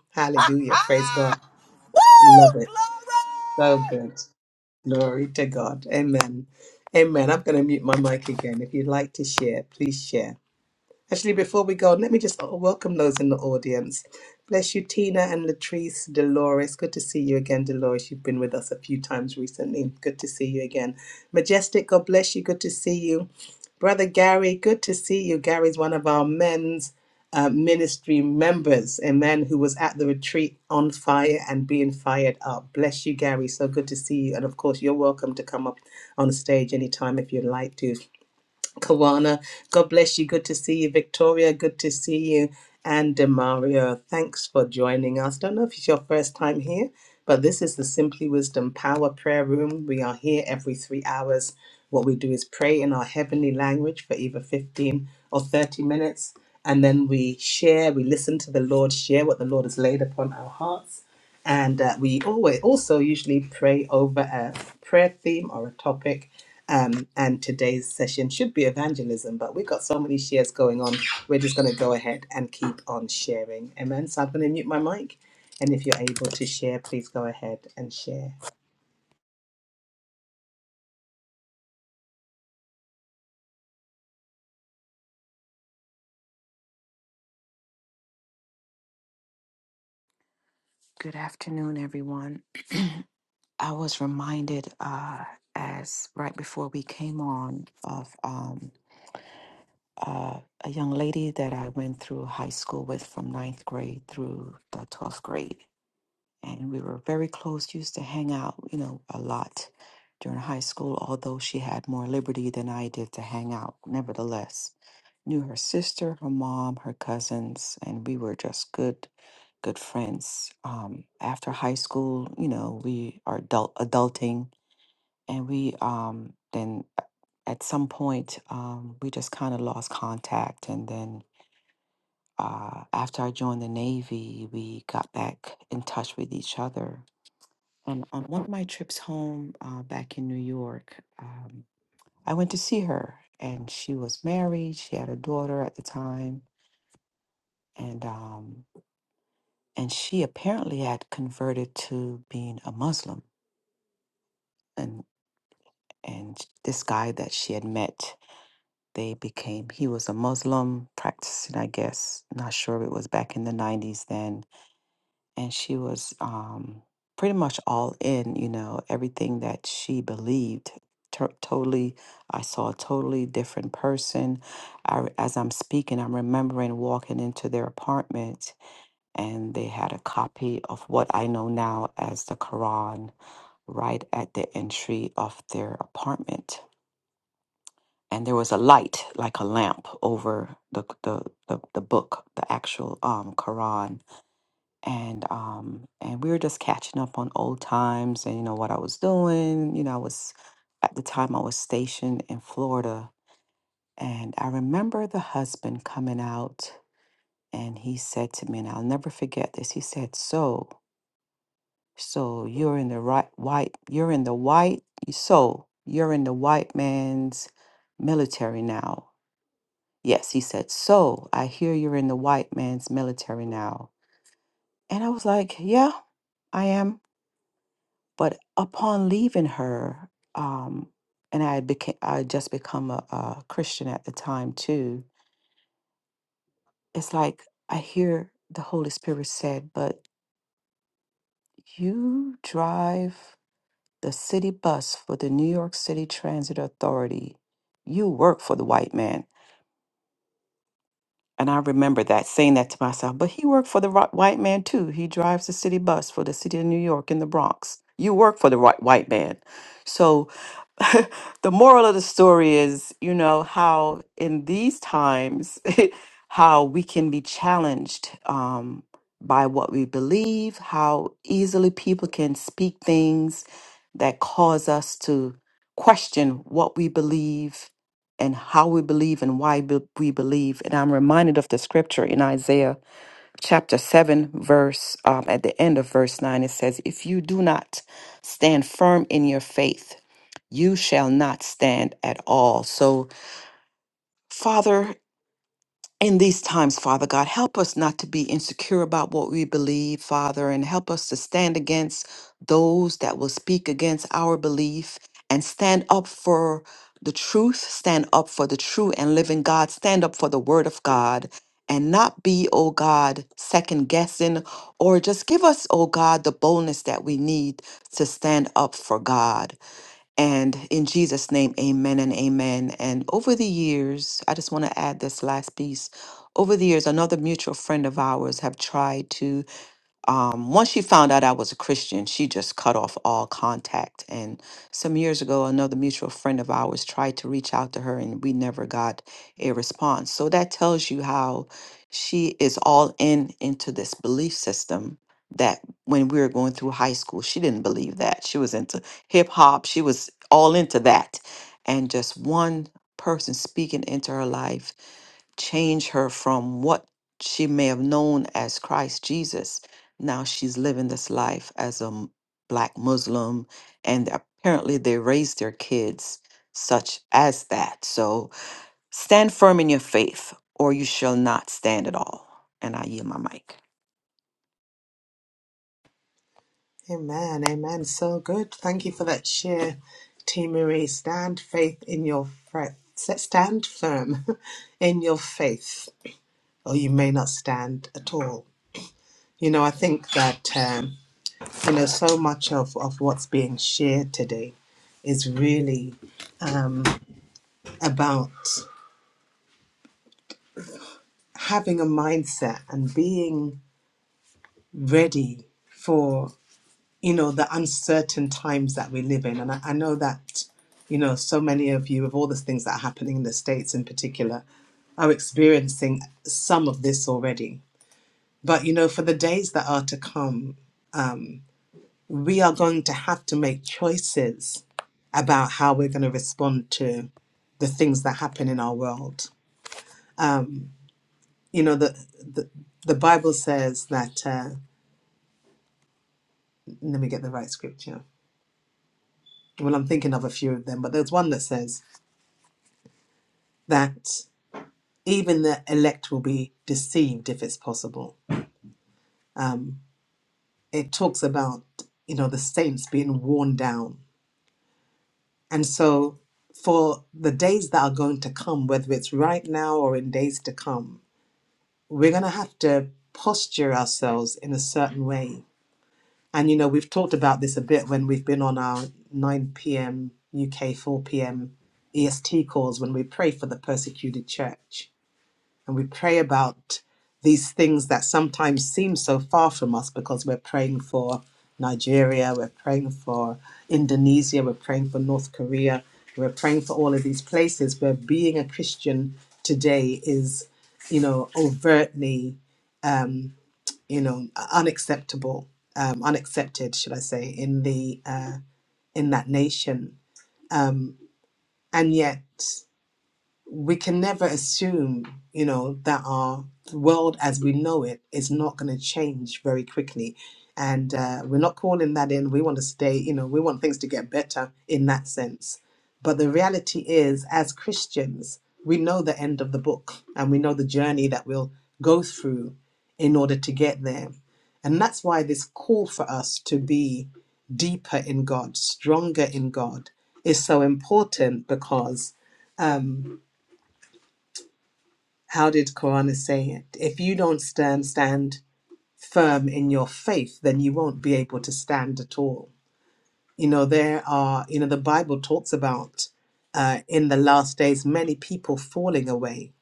(laughs) love us. (laughs) Hallelujah. Praise God. Love Woo! it. So Glory! good. Glory to God. Amen. Amen. I'm going to mute my mic again. If you'd like to share, please share. Actually, before we go, let me just oh, welcome those in the audience. Bless you, Tina and Latrice, Dolores. Good to see you again, Dolores. You've been with us a few times recently. Good to see you again. Majestic, God bless you. Good to see you. Brother Gary, good to see you. Gary's one of our men's uh, ministry members, a man who was at the retreat on fire and being fired up. Bless you, Gary. So good to see you. And of course, you're welcome to come up on stage anytime if you'd like to. Kawana. God bless you. Good to see you, Victoria. Good to see you. And Demario, thanks for joining us. Don't know if it's your first time here, but this is the Simply Wisdom Power Prayer Room. We are here every three hours. What we do is pray in our heavenly language for either 15 or 30 minutes, and then we share, we listen to the Lord, share what the Lord has laid upon our hearts and uh, we always also usually pray over a prayer theme or a topic um, and today's session should be evangelism but we've got so many shares going on we're just going to go ahead and keep on sharing amen so i'm going to mute my mic and if you're able to share please go ahead and share Good afternoon, everyone. I was reminded uh, as right before we came on of um, uh, a young lady that I went through high school with from ninth grade through the twelfth grade and we were very close used to hang out you know a lot during high school although she had more liberty than i did to hang out nevertheless knew her sister her mom her cousins and we were just good good friends um, after high school you know we are adult adulting and we um, then at some point um, we just kind of lost contact and then uh, after i joined the navy we got back in touch with each other on, on one of my trips home uh, back in New York, um, I went to see her, and she was married. She had a daughter at the time, and um, and she apparently had converted to being a Muslim. And and this guy that she had met, they became. He was a Muslim practicing, I guess. Not sure if it was back in the '90s then, and she was um, pretty much all in, you know, everything that she believed. To- totally, I saw a totally different person. I, re- as I'm speaking, I'm remembering walking into their apartment and they had a copy of what I know now as the Quran right at the entry of their apartment. And there was a light, like a lamp, over the the, the, the book, the actual um, Quran and um and we were just catching up on old times and you know what I was doing. You know, I was at the time I was stationed in Florida and I remember the husband coming out and he said to me and I'll never forget this. He said, "So, so you're in the right white you're in the white so you're in the white man's military now." Yes, he said, "So, I hear you're in the white man's military now." And I was like, "Yeah, I am." But upon leaving her, um, and I became I had just become a, a Christian at the time too, it's like I hear the Holy Spirit said, but you drive the city bus for the New York City Transit Authority. You work for the white man And I remember that saying that to myself, but he worked for the ri- white man too. He drives the city bus for the city of New York in the Bronx. You work for the ri- white man. So (laughs) the moral of the story is, you know, how in these times, (laughs) how we can be challenged um, by what we believe, how easily people can speak things that cause us to question what we believe and how we believe and why be- we believe. And I'm reminded of the scripture in Isaiah chapter 7, verse, um, at the end of verse 9, it says, If you do not stand firm in your faith, you shall not stand at all. So, Father, in these times, Father God, help us not to be insecure about what we believe, Father, and help us to stand against those that will speak against our belief and stand up for the truth, stand up for the true and living God, stand up for the word of God, and not be, oh God, second guessing, or just give us, oh God, the boldness that we need to stand up for God. And in Jesus' name, amen and amen. And over the years, I just want to add this last piece. Over the years, another mutual friend of ours have tried to um, once she found out I was a Christian, she just cut off all contact. And some years ago, another mutual friend of ours tried to reach out to her, and we never got a response. So that tells you how she is all in into this belief system that when we were going through high school, she didn't believe that. She was into hip hop, she was all into that. And just one person speaking into her life change her from what she may have known as Christ Jesus now she's living this life as a m- black Muslim, and apparently they raise their kids such as that. So stand firm in your faith, or you shall not stand at all. And I yield my mic. amen amen so good thank you for that share team marie stand faith in your faith stand firm (laughs) in your faith or you may not stand at all You know, I think that, um, you know, so much of, of what's being shared today is really about having a mindset and being ready for, you know, the uncertain times that we live in. And I, I know that, you know, so many of you, of all the things that are happening in the States in particular, are experiencing some of this already. But, you know, for the days that are to come, we are going to have to make choices about how we're going to respond to the things that happen in our world. You know, the the, the Bible says that. Uh, let me get the right scripture. Well, I'm thinking of a few of them, but there's one that says that even the elect will be deceived if it's possible. It talks about you know the saints being worn down, and so for the days that are going to come, whether it's right now or in days to come, we're going to have to posture ourselves in a certain way And you know, we've talked about this a bit when we've been on our 9 p.m. UK, 4 p.m. EST calls when we pray for the persecuted church and we pray about these things that sometimes seem so far from us because we're praying for Nigeria, we're praying for Indonesia, we're praying for North Korea, we're praying for all of these places where being a Christian today is, you know, overtly um, you know unacceptable um, unaccepted should i say in the uh, in that nation um, and yet we can never assume, you know, that our world as we know it is not going to change very quickly. And uh, we're not calling that in. We want to stay, you know, we want things to get better in that sense. But the reality is, as Christians, we know the end of the book and we know the journey that we'll go through in order to get there. And that's why this call for us to be deeper in God, stronger in God, is so important because. um, how did Korana say it? If you don't stand stand firm in your faith, then you won't be able to stand at all. You know, there are, you know, the Bible talks about uh, in the last days many people falling away.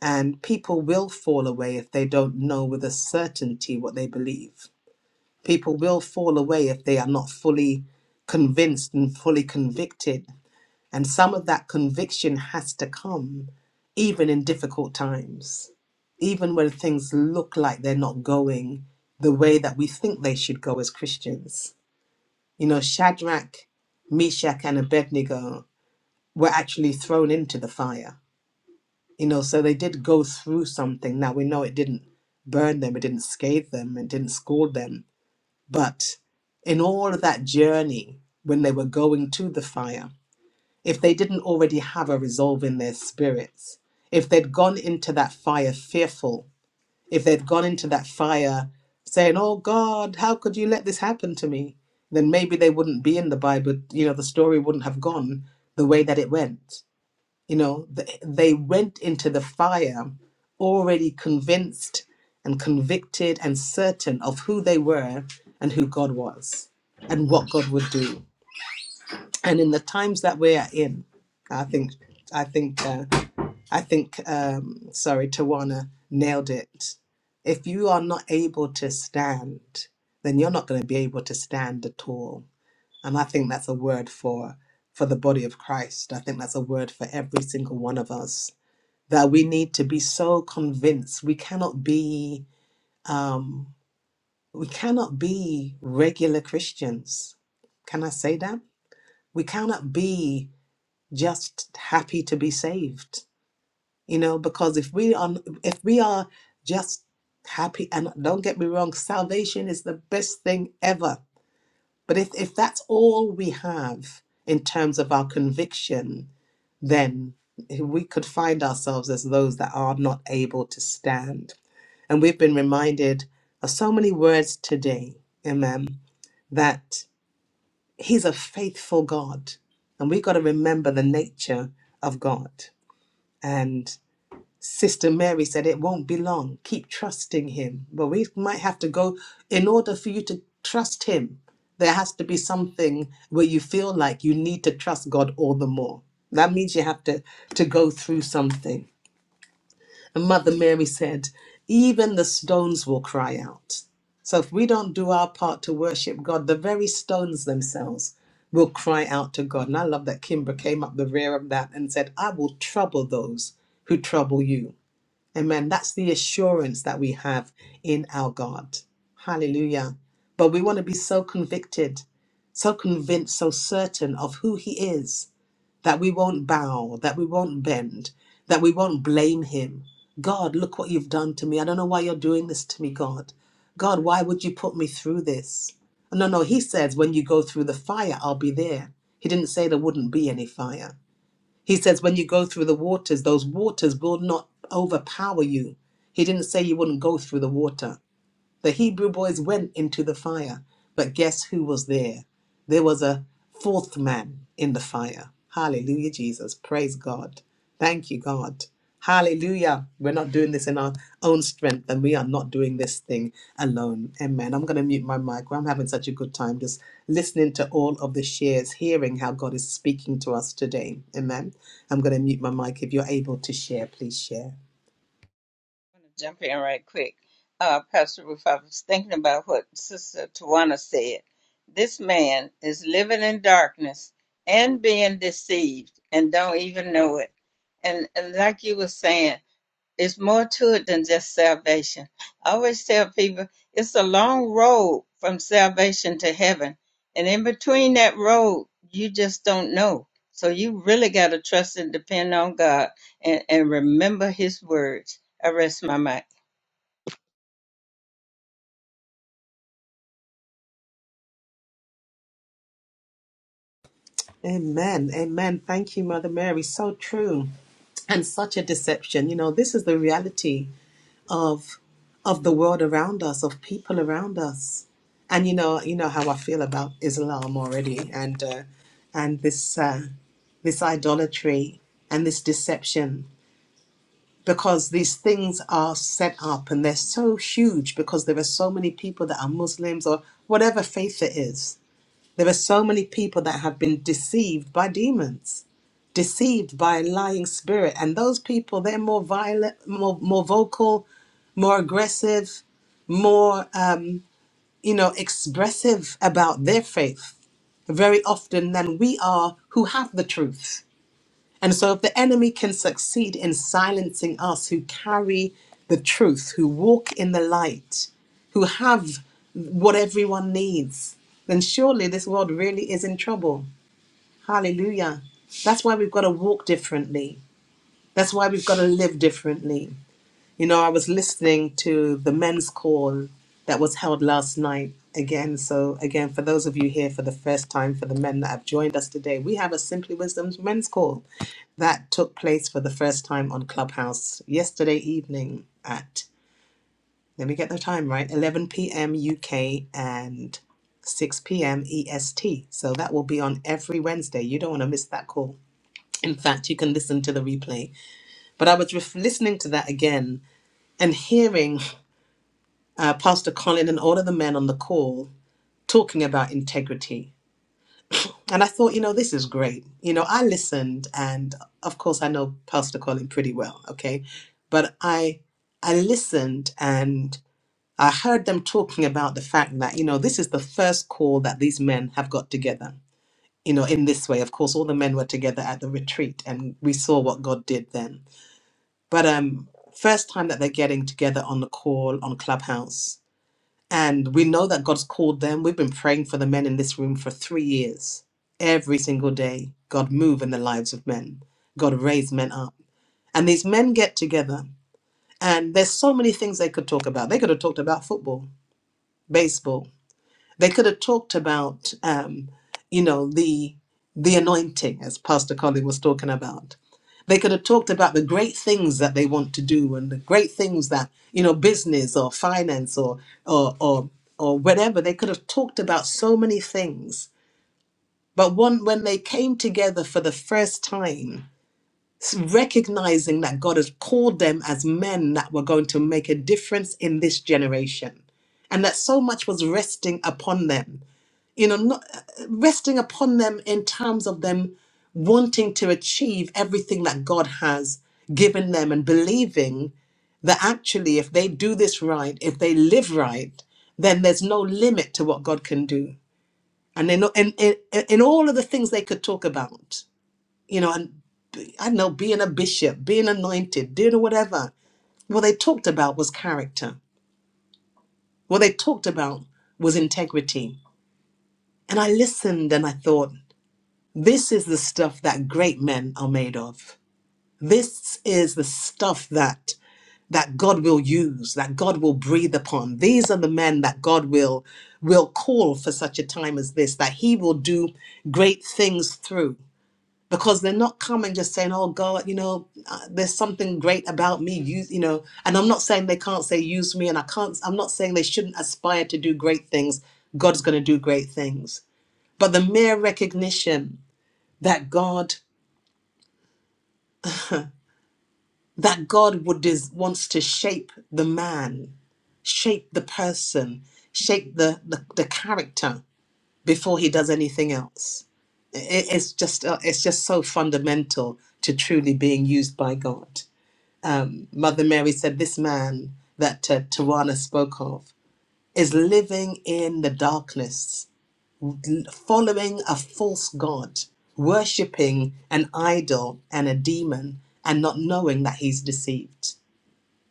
And people will fall away if they don't know with a certainty what they believe. People will fall away if they are not fully convinced and fully convicted and some of that conviction has to come, even in difficult times, even when things look like they're not going the way that we think they should go as Christians. You know, Shadrach, Meshach, and Abednego were actually thrown into the fire. You know, so they did go through something. Now we know it didn't burn them, it didn't scathe them, it didn't scald them. But in all of that journey, when they were going to the fire, if they didn't already have a resolve in their spirits, if they'd gone into that fire fearful, if they'd gone into that fire saying, Oh God, how could you let this happen to me? Then maybe they wouldn't be in the Bible. You know, the story wouldn't have gone the way that it went. You know, th- they went into the fire already convinced and convicted and certain of who they were and who God was and what God would do and in the times that we're in, I think, I think, uh, I think, um, sorry, Tawana nailed it. If you are not able to stand, then you're not going to be able to stand at all. And I think that's a word for for the body of Christ. I think that's a word for every single one of us that we need to be so convinced we cannot be um, we cannot be regular Christians. Can I say that? We cannot be just happy to be saved you know because if we are if we are just happy and don't get me wrong salvation is the best thing ever but if if that's all we have in terms of our conviction then we could find ourselves as those that are not able to stand and we've been reminded of so many words today amen that he's a faithful god and we've got to remember the nature of god and Sister Mary said, It won't be long. Keep trusting Him. But we might have to go, in order for you to trust Him, there has to be something where you feel like you need to trust God all the more. That means you have to, to go through something. And Mother Mary said, Even the stones will cry out. So if we don't do our part to worship God, the very stones themselves will cry out to God. And I love that Kimber came up the rear of that and said, I will trouble those who trouble you. Amen. That's the assurance that we have in our God. Hallelujah. But we want to be so convicted, so convinced, so certain of who He is that we won't bow, that we won't bend, that we won't blame Him. God, look what you've done to me. I don't know why you're doing this to me, God. God, why would you put me through this? No, no, He says, when you go through the fire, I'll be there. He didn't say there wouldn't be any fire. He says, when you go through the waters, those waters will not overpower you. He didn't say you wouldn't go through the water. The Hebrew boys went into the fire, but guess who was there? There was a fourth man in the fire. Hallelujah, Jesus. Praise God. Thank you, God. Hallelujah. We're not doing this in our own strength, and we are not doing this thing alone. Amen. I'm going to mute my mic. I'm having such a good time just listening to all of the shares, hearing how God is speaking to us today. Amen. I'm going to mute my mic. If you're able to share, please share. to jump in right quick. Uh, Pastor Roof, I was thinking about what Sister Tawana said. This man is living in darkness and being deceived and don't even know it. And, and like you were saying, It's more to it than just salvation. I always tell people it's a long road from salvation to heaven. And in between that road, you just don't know. So you really got to trust and depend on God and, and remember his words. I rest my mind. Amen. Amen. Thank you, Mother Mary. So true. and such a deception you know this is the reality of of the world around us of people around us and you know you know how i feel about islam already and uh, and this uh, this idolatry and this deception because these things are set up and they're so huge because there are so many people that are muslims or whatever faith it is there are so many people that have been deceived by demons deceived by a lying spirit. And those people, they're more violent, more, more vocal, more aggressive, more, um, you know, expressive about their faith very often than we are who have the truth. And so, if the enemy can succeed in silencing us who carry the truth, who walk in the light, who have what everyone needs, then surely this world really is in trouble. Hallelujah. That's why we've got to walk differently. That's why we've got to live differently. You know, I was listening to the men's call that was held last night again. So, again, for those of you here for the first time, for the men that have joined us today, we have a Simply Wisdom's men's call that took place for the first time on Clubhouse yesterday evening at, let me get the time right, 11 p.m. UK and 6 p.m. EST. So, that will be on every Wednesday. You don't want to miss that call. In fact, you can listen to the replay but I was ref- listening to that again and hearing uh, Pastor Colin and all of the men on the call talking about integrity. And I thought, you know, this is great. You know, I listened, and of course, I know Pastor Colin pretty well, okay? But I, I listened and I heard them talking about the fact that, you know, this is the first call that these men have got together, you know, in this way. Of course, all the men were together at the retreat, and we saw what God did then But um, first time that they're getting together on the call on Clubhouse. And we know that God's called them. We've been praying for the men in this room for three years. Every single day, God move in the lives of men. God raise men up. And these men get together. And there's so many things they could talk about. They could have talked about football, baseball, they could have talked about, um, you know, the the anointing, as Pastor Colin was talking about. They could have talked about the great things that they want to do and the great things that you know, business or finance or or or or whatever. They could have talked about so many things. But one, when they came together for the first time, s- recognizing that God has called them as men that were going to make a difference in this generation, and that so much was resting upon them you know, not resting upon them in terms of them wanting to achieve everything that God has given them and believing that actually, if they do this right, if they live right, then there's no limit to what God can do. And in, in, in, in all of the things they could talk about, you know, and I don't know, being a bishop, being anointed, doing whatever, what they talked about was character. What they talked about was integrity. And I listened and I thought, This is the stuff that great men are made of. This is the stuff that that God will use, that God will breathe upon. These are the men that God will will call for such a time as this, that He will do great things through. Because they're not coming just saying, "Oh God, you know, uh, there's something great about me." You, you know, and I'm not saying they can't say use me, and I can't. I'm not saying they shouldn't aspire to do great things. God's going to do great things, but the mere recognition that God that God would is wants to shape the man, shape the person, shape the the, the character before he does anything else. It, it's just uh, it's just so fundamental to truly being used by God. Mother Mary said, "This man that uh, Tawana spoke of is living in the darkness, l- following a false god, worshiping an idol and a demon, and not knowing that he's deceived."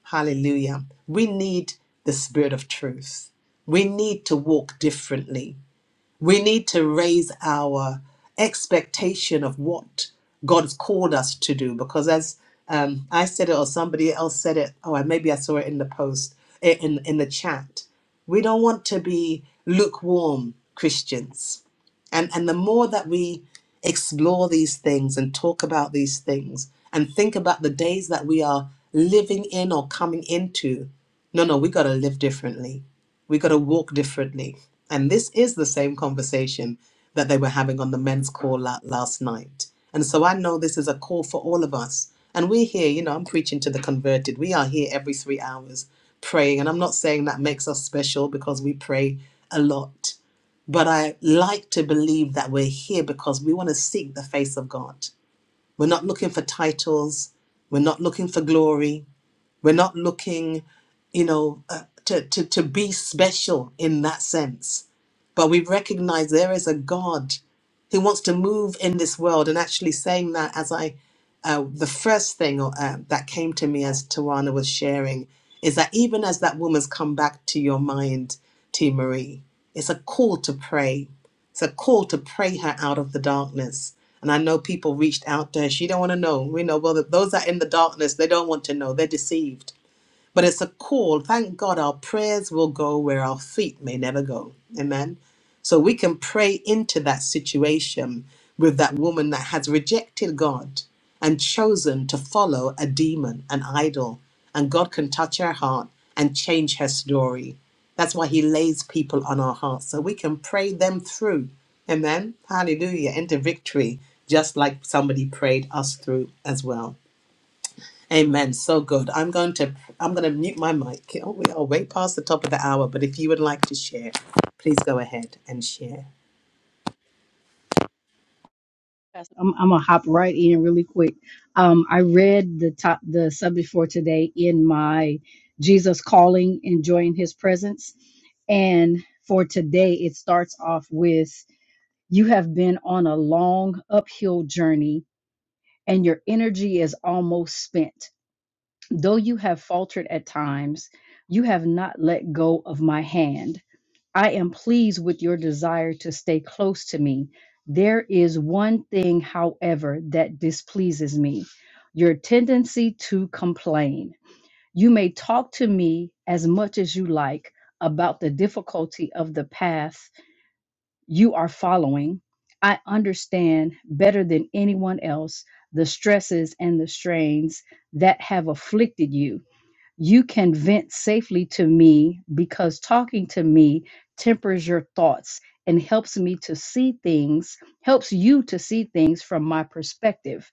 Hallelujah. We need the spirit of truth. We need to walk differently. We need to raise our expectation of what God's called us to do because, as um, I said it, or somebody else said it, oh, and maybe I saw it in the post, eh, in, in the chat. We don't want to be lukewarm Christians. And, and the more that we explore these things and talk about these things and think about the days that we are living in or coming into, no, no, we got to live differently we got to walk differently. And this is the same conversation that they were having on the men's call la- last night. And so I know this is a call for all of us. And we here, you know, I'm preaching to the converted. We are here every three hours praying. And I'm not saying that makes us special because we pray a lot. But I like to believe that we're here because we want to seek the face of God. We're not looking for titles, we're not looking for glory, we're not looking, you know, uh, to, to, to be special in that sense. But we recognize there is a God who wants to move in this world. And actually, saying that as I, uh, the first thing uh, that came to me as Tawana was sharing is that even as that woman's come back to your mind, T. Marie, it's a call to pray. It's a call to pray her out of the darkness. And I know people reached out to her. She don't want to know. We know well that those that are in the darkness, they don't want to know. They're deceived but it's a call. Thank God our prayers will go where our feet may never go. Amen. So we can pray into that situation with that woman that has rejected God and chosen to follow a demon, an idol. And God can touch her heart and change her story. That's why He lays people on our hearts so we can pray them through. Amen. Hallelujah. Into victory, just like somebody prayed us through as well. Amen. So good. I'm going to I'm going to mute my mic. Oh, we are way past the top of the hour, but if you would like to share, please go ahead and share. Pastor, I'm, I'm gonna hop right in really quick. Um, I read the top the subject for today in my Jesus calling, enjoying His presence, and for today it starts off with You have been on a long uphill journey and your energy is almost spent. Though you have faltered at times, you have not let go of my hand. I am pleased with your desire to stay close to me. There is one thing, however, that displeases me your tendency to complain. You may talk to me as much as you like about the difficulty of the path you are following. I understand better than anyone else the stresses and the strains that have afflicted you. You can vent safely to me because talking to me tempers your thoughts and helps me to see things, helps you to see things from my perspective.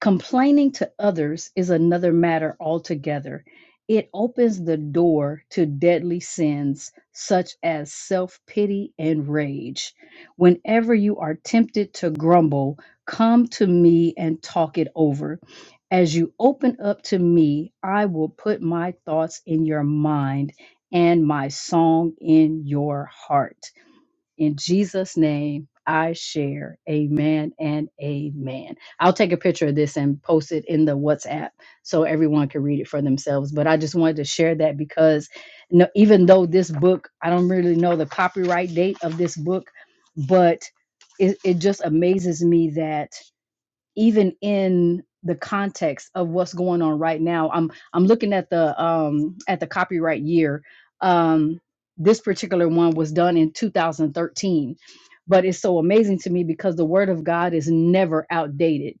Complaining to others is another matter altogether. It opens the door to deadly sins such as self pity and rage. Whenever you are tempted to grumble, come to me and talk it over. As you open up to me, I will put my thoughts in your mind and my song in your heart. In Jesus' name, I share. Amen and amen. I'll take a picture of this and post it in the WhatsApp so everyone can read it for themselves. But I just wanted to share that because no, even though this book, I don't really know the copyright date of this book, but it, it just amazes me that even in the context of what's going on right now i'm i'm looking at the um at the copyright year um this particular one was done in 2013 but it's so amazing to me because the word of god is never outdated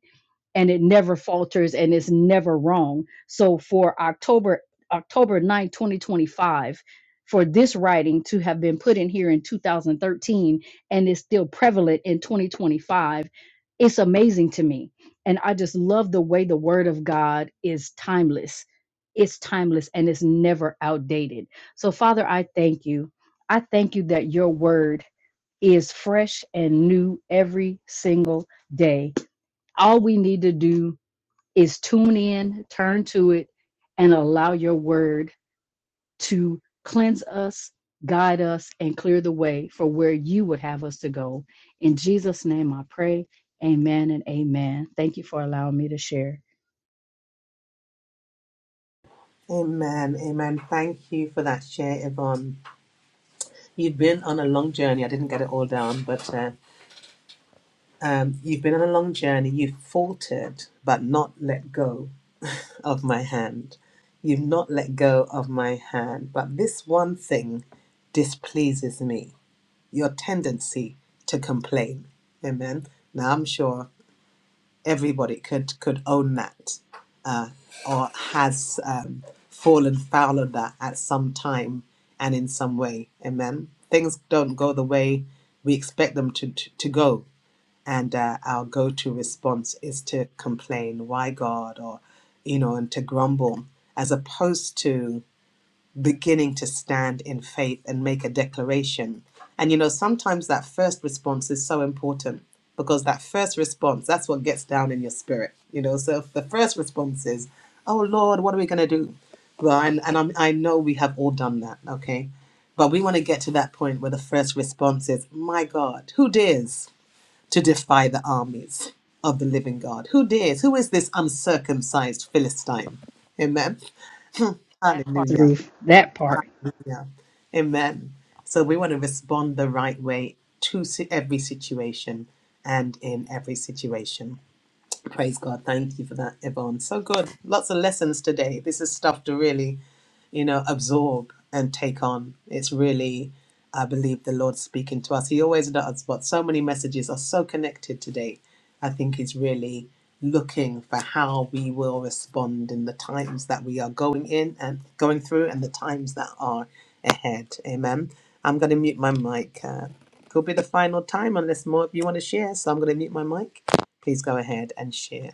and it never falters and it's never wrong so for october october 9 2025 for this writing to have been put in here in 2013 and is still prevalent in 2025 it's amazing to me and i just love the way the word of god is timeless it's timeless and it's never outdated so father i thank you i thank you that your word is fresh and new every single day all we need to do is tune in turn to it and allow your word to cleanse us, guide us, and clear the way for where you would have us to go. In Jesus' name I pray. Amen and amen. Thank you for allowing me to share Amen. Amen. Thank you for that share, Yvonne. You've been on a long journey. I didn't get it all down, but uh, um, you've been on a long journey. You've faltered, but not let go of my hand. You've not let go of my hand. But this one thing displeases me your tendency to complain. Amen. Now, I'm sure everybody could could own that uh, or has um, fallen foul of that at some time and in some way amen things don't go the way we expect them to to, to go and uh, our go-to response is to complain why god or you know and to grumble as opposed to beginning to stand in faith and make a declaration. And you know, sometimes that first response is so important because that first response, that's what gets down in your spirit. You know, so if the first response is, Oh Lord, what are we going to do? Well, and, and I'm, I know we have all done that, okay? But we want to get to that point where the first response is, My God, who dares to defy the armies of the living God? Who dares? Who is this uncircumcised Philistine? Amen. (laughs) That part. Hallelujah. through that part. Yeah. Amen. So we want to respond the right way to si- every situation and in every situation. Praise God. Thank you for that, Yvonne. So good. Lots of lessons today. This is stuff to really, you know, absorb and take on. It's really, I believe, the Lord speaking to us. He always does, but so many messages are so connected today. I think He's really looking for how we will respond in the times that we are going in and going through and the times that are ahead. Amen. I'm going to mute my mic. Uh, could be the final time unless more of you want to share. So I'm going to mute my mic please go ahead and share.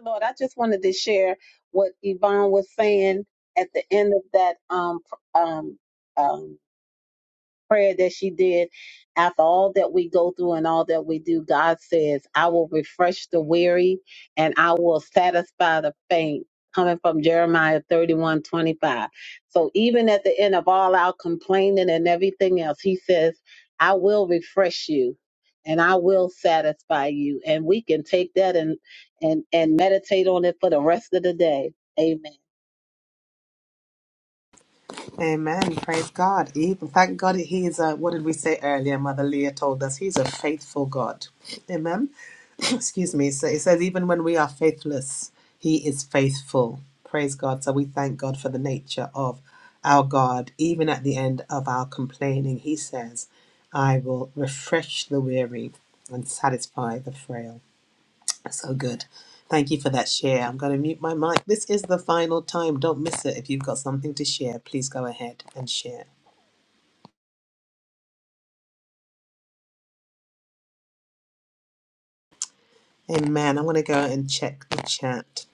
Lord, I just wanted to share what Yvonne was saying at the end of that um, pr- um, um, prayer that she did after all that we go through and all that we do god says i will refresh the weary and i will satisfy the faint coming from jeremiah 31 25. so even at the end of all our complaining and everything else he says i will refresh you and i will satisfy you and we can take that and and and meditate on it for the rest of the day amen Amen. Praise God. Even thank God he is a what did we say earlier? Mother Leah told us he's a faithful God. Amen. (clears throat) Excuse me. So it says even when we are faithless, he is faithful. Praise God. So we thank God for the nature of our God. Even at the end of our complaining, he says, I will refresh the weary and satisfy the frail. So good. Thank you for that share. I'm going to mute my mic. This is the final time. Don't miss it. If you've got something to share, please go ahead and share. Amen. I'm going to go and check the chat.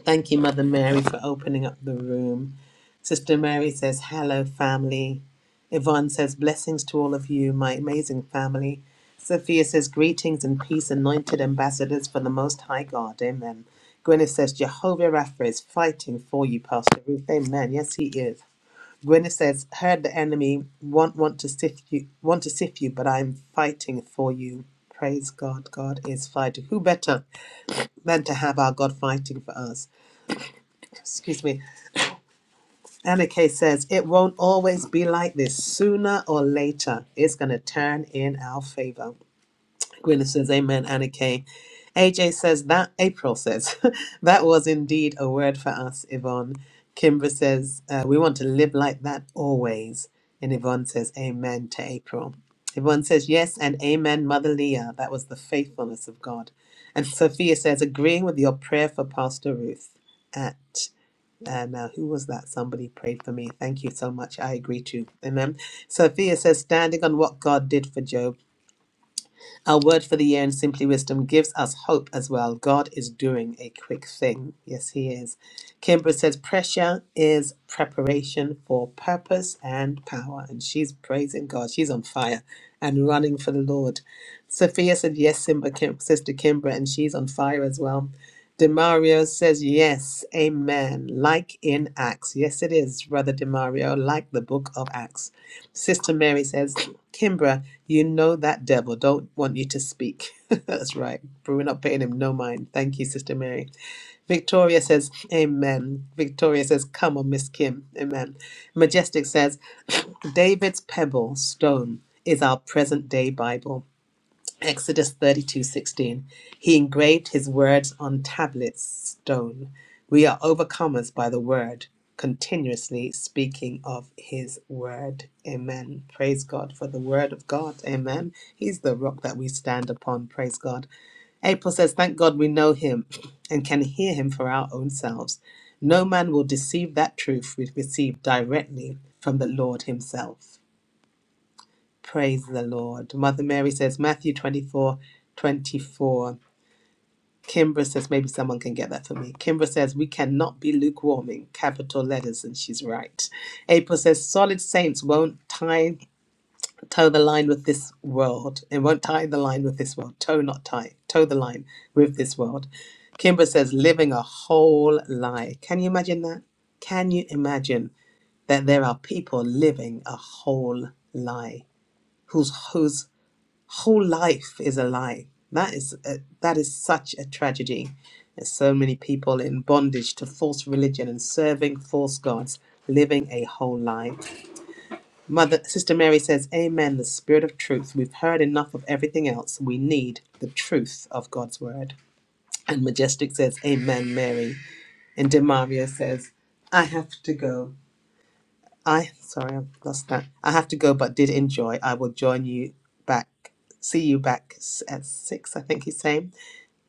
Thank you, Mother Mary, for opening up the room. Sister Mary says, Hello, family. Yvonne says, Blessings to all of you, my amazing family. Sophia says, Greetings and peace, anointed ambassadors for the Most High God. Amen. Gwyneth says, Jehovah Rapha is fighting for you, Pastor Ruth. Amen. Yes, he is. When says, "Heard the enemy want want to sift you, want to sift you, but I'm fighting for you." Praise God, God is fighting. Who better than to have our God fighting for us? Excuse me. Anna Kay says, "It won't always be like this. Sooner or later, it's going to turn in our favor." Gwyneth says, Amen, Anna Kay. AJ says that, April says, (laughs) that was indeed a word for us, Yvonne. Kimbra says, uh, we want to live like that always. And Yvonne says, Amen to April. Yvonne says, yes, and Amen, Mother Leah. That was the faithfulness of God. And Sophia says, agreeing with your prayer for Pastor Ruth at. Uh, now, who was that? Somebody prayed for me. Thank you so much. I agree too. Amen. Sophia says, standing on what God did for Job. Our word for the year in Simply Wisdom gives us hope as well. God is doing a quick thing. Yes, He is. Kimbra says, Pressure is preparation for purpose and power. And she's praising God. She's on fire and running for the Lord. Sophia said, Yes, Simba, Kim, Sister Kimbra, and she's on fire as well. Demario says, Yes, amen. Like in Acts. Yes, it is, Brother Demario, like the book of Acts. Sister Mary says, Kimbra, you know that devil don't want you to speak. (laughs) That's right. But we're not paying him no mind. Thank you, Sister Mary. Victoria says, Amen. Victoria says, Come on, Miss Kim. Amen. Majestic says, (laughs) David's pebble stone is our present day Bible. Exodus 32:16 He engraved his words on tablets stone we are overcomers by the word continuously speaking of his word amen praise god for the word of god amen he's the rock that we stand upon praise god april says thank god we know him (laughs) and can hear him for our own selves no man will deceive that truth we receive directly from the lord himself Praise the Lord. Mother Mary says Matthew 24, 24. Kimbra says, maybe someone can get that for me. Kimbra says, we cannot be lukewarming, capital letters, and she's right. April says, solid saints won't tie, toe the line with this world. It won't tie the line with this world. Toe, not tie, toe the line with this world. Kimbra says, living a whole lie. Can you imagine that? Can you imagine that there are people living a whole lie? whose whose whole life is a lie. That is a, that is such a tragedy. There's so many people in bondage to false religion and serving false gods, living a whole lie. Mother Sister Mary says, "Amen." The Spirit of Truth. We've heard enough of everything else. We need the truth of God's word. And Majestic says, "Amen, Mary." And Demario says, "I have to go." I sorry, I've lost that. I have to go, but did enjoy. I will join you back. See you back s- at six, I think he's saying.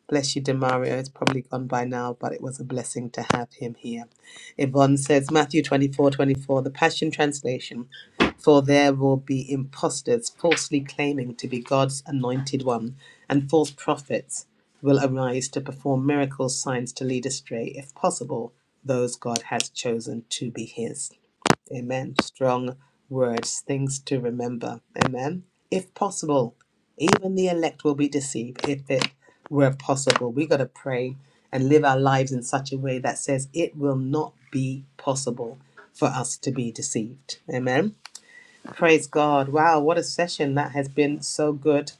Bless you, Demario. It's probably gone by now, but it was a blessing to have him here. Yvonne says Matthew 24 24 the Passion Translation. For there will be impostors falsely claiming to be God's anointed one, and false prophets will arise to perform miracles, signs to lead astray, if possible, those God has chosen to be his. Amen. Strong words, things to remember. Amen. If possible, even the elect will be deceived if it were possible. We got to pray and live our lives in such a way that says it will not be possible for us to be deceived. Amen. Praise God. Wow, what a session that has been so good.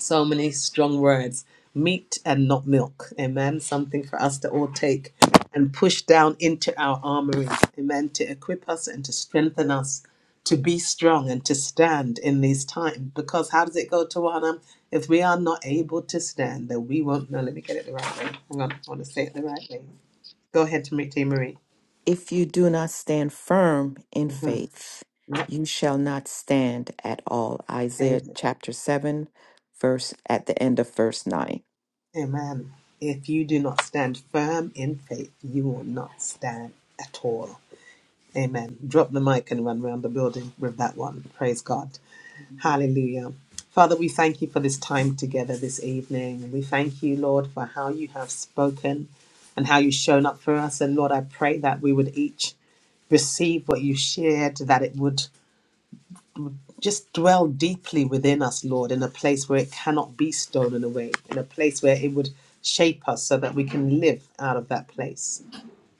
So many strong words meat and not milk. Amen. Something for us to all take and push down into our armory. Amen. To equip us and to strengthen us to be strong and to stand in these times. Because how does it go, Tawana? If we are not able to stand, then we won't. No, let me get it the right way. Hang on. I want to say it the right way. Go ahead, Tamiti Marie. If you do not stand firm in hmm faith, you shall not stand at all. Isaiah chapter 7, verse at the end of verse 9. Amen. If you do not stand firm in faith, you will not stand at all. Amen. Drop the mic and run around the building with that one. Praise God. Hallelujah. Father, we thank you for this time together this evening. We thank you, Lord, for how you have spoken and how you've shown up for us. And Lord, I pray that we would each receive what you shared, that it would just dwell deeply within us, Lord, in a place where it cannot be stolen away, in a place where it would shape us so that we can live out of that place.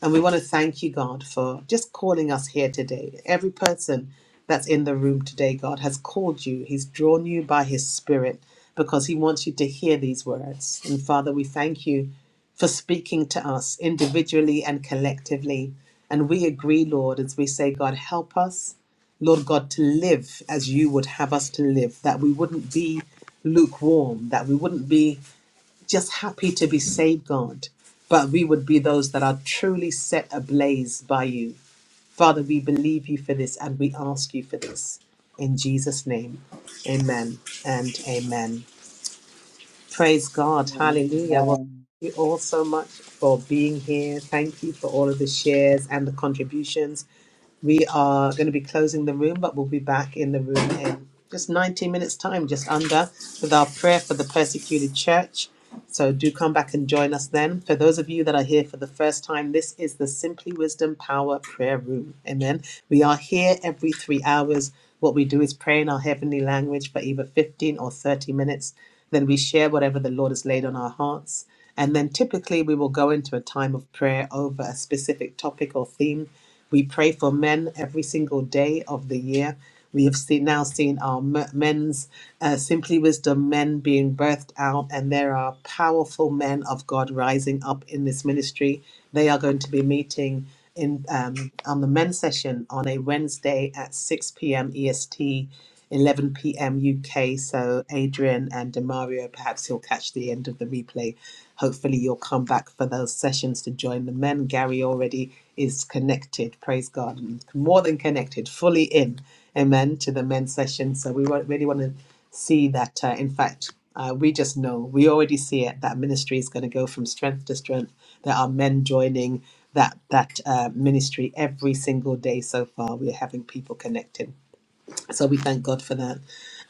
And we want to thank you, God, for just calling us here today. Every person that's in the room today, God, has called you. He's drawn you by His Spirit because He wants you to hear these words. And Father, we thank you for speaking to us individually and collectively. And we agree, Lord, as we say, God, help us, Lord God, to live as you would have us to live, that we wouldn't be lukewarm, that we wouldn't be just happy to be saved, God. But we would be those that are truly set ablaze by you. Father, we believe you for this and we ask you for this. In Jesus' name, amen and amen. Praise God. Hallelujah. Well, Amen. thank you all so much for being here. Thank you for all of the shares and the contributions. We are going to be closing the room, but we'll be back in the room in just 19 minutes' time, just under, with our prayer for the persecuted church. So do come back and join us then. For those of you that are here for the first time, this is the Simply Wisdom Power Prayer Room. Amen. We are here every three hours. What we do is pray in our heavenly language for either 15 or 30 minutes. Then we share whatever the Lord has laid on our hearts. And then typically we will go into a time of prayer over a specific topic or theme we pray for men every single day of the year. We have seen, now seen our m- men's uh, Simply Wisdom men being birthed out, and there are powerful men of God rising up in this ministry. They are going to be meeting in um, on the men's session on a Wednesday at 6 p.m. EST, 11 p.m. UK. So Adrian and Demario, perhaps he'll catch the end of the replay Hopefully, you'll come back for those sessions to join the men. Gary already is connected, praise God, and more than connected, fully in, amen, to the men's session. So, we wa- really want to see that, uh, in fact, uh, we just know, we already see it, that ministry is going to go from strength to strength. There are men joining that, that uh, ministry every single day so far. We're having people connected. So we thank God for that.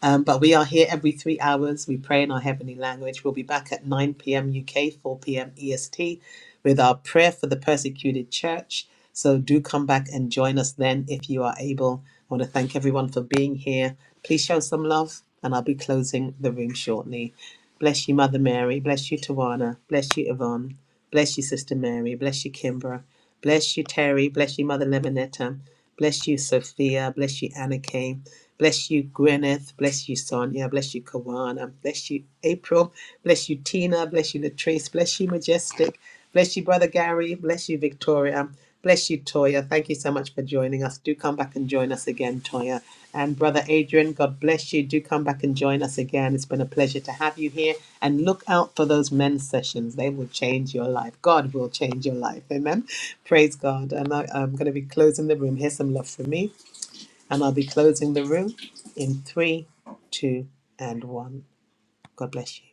Um, but we are here every three hours. We pray in our heavenly language. We'll be back at 9 p.m. UK, 4 p.m. EST with our prayer for the persecuted church. So do come back and join us then if you are able. I want to thank everyone for being here. Please show some love, and I'll be closing the room shortly. Bless you, Mother Mary. Bless you, Tawana. Bless you, Yvonne. Bless you, Sister Mary. Bless you, Kimbra. Bless you, Terry. Bless you, Mother Lemonetta. Bless you, Sophia. Bless you, Anna Kay. Bless you, Gwyneth. Bless you, Sonia. Bless you, Kawana. Bless you, April. Bless you, Tina. Bless you, Latrice. Bless you, Majestic. Bless you, Brother Gary. Bless you, Victoria. Bless you, Toya. Thank you so much for joining us. Do come back and join us again, Toya. And Brother Adrian, God bless you. Do come back and join us again. It's been a pleasure to have you here. And look out for those men's sessions. They will change your life. God will change your life. Amen. Praise God. And I, I'm going to be closing the room. Here's some love from me. And I'll be closing the room in three, two, and one. God bless you.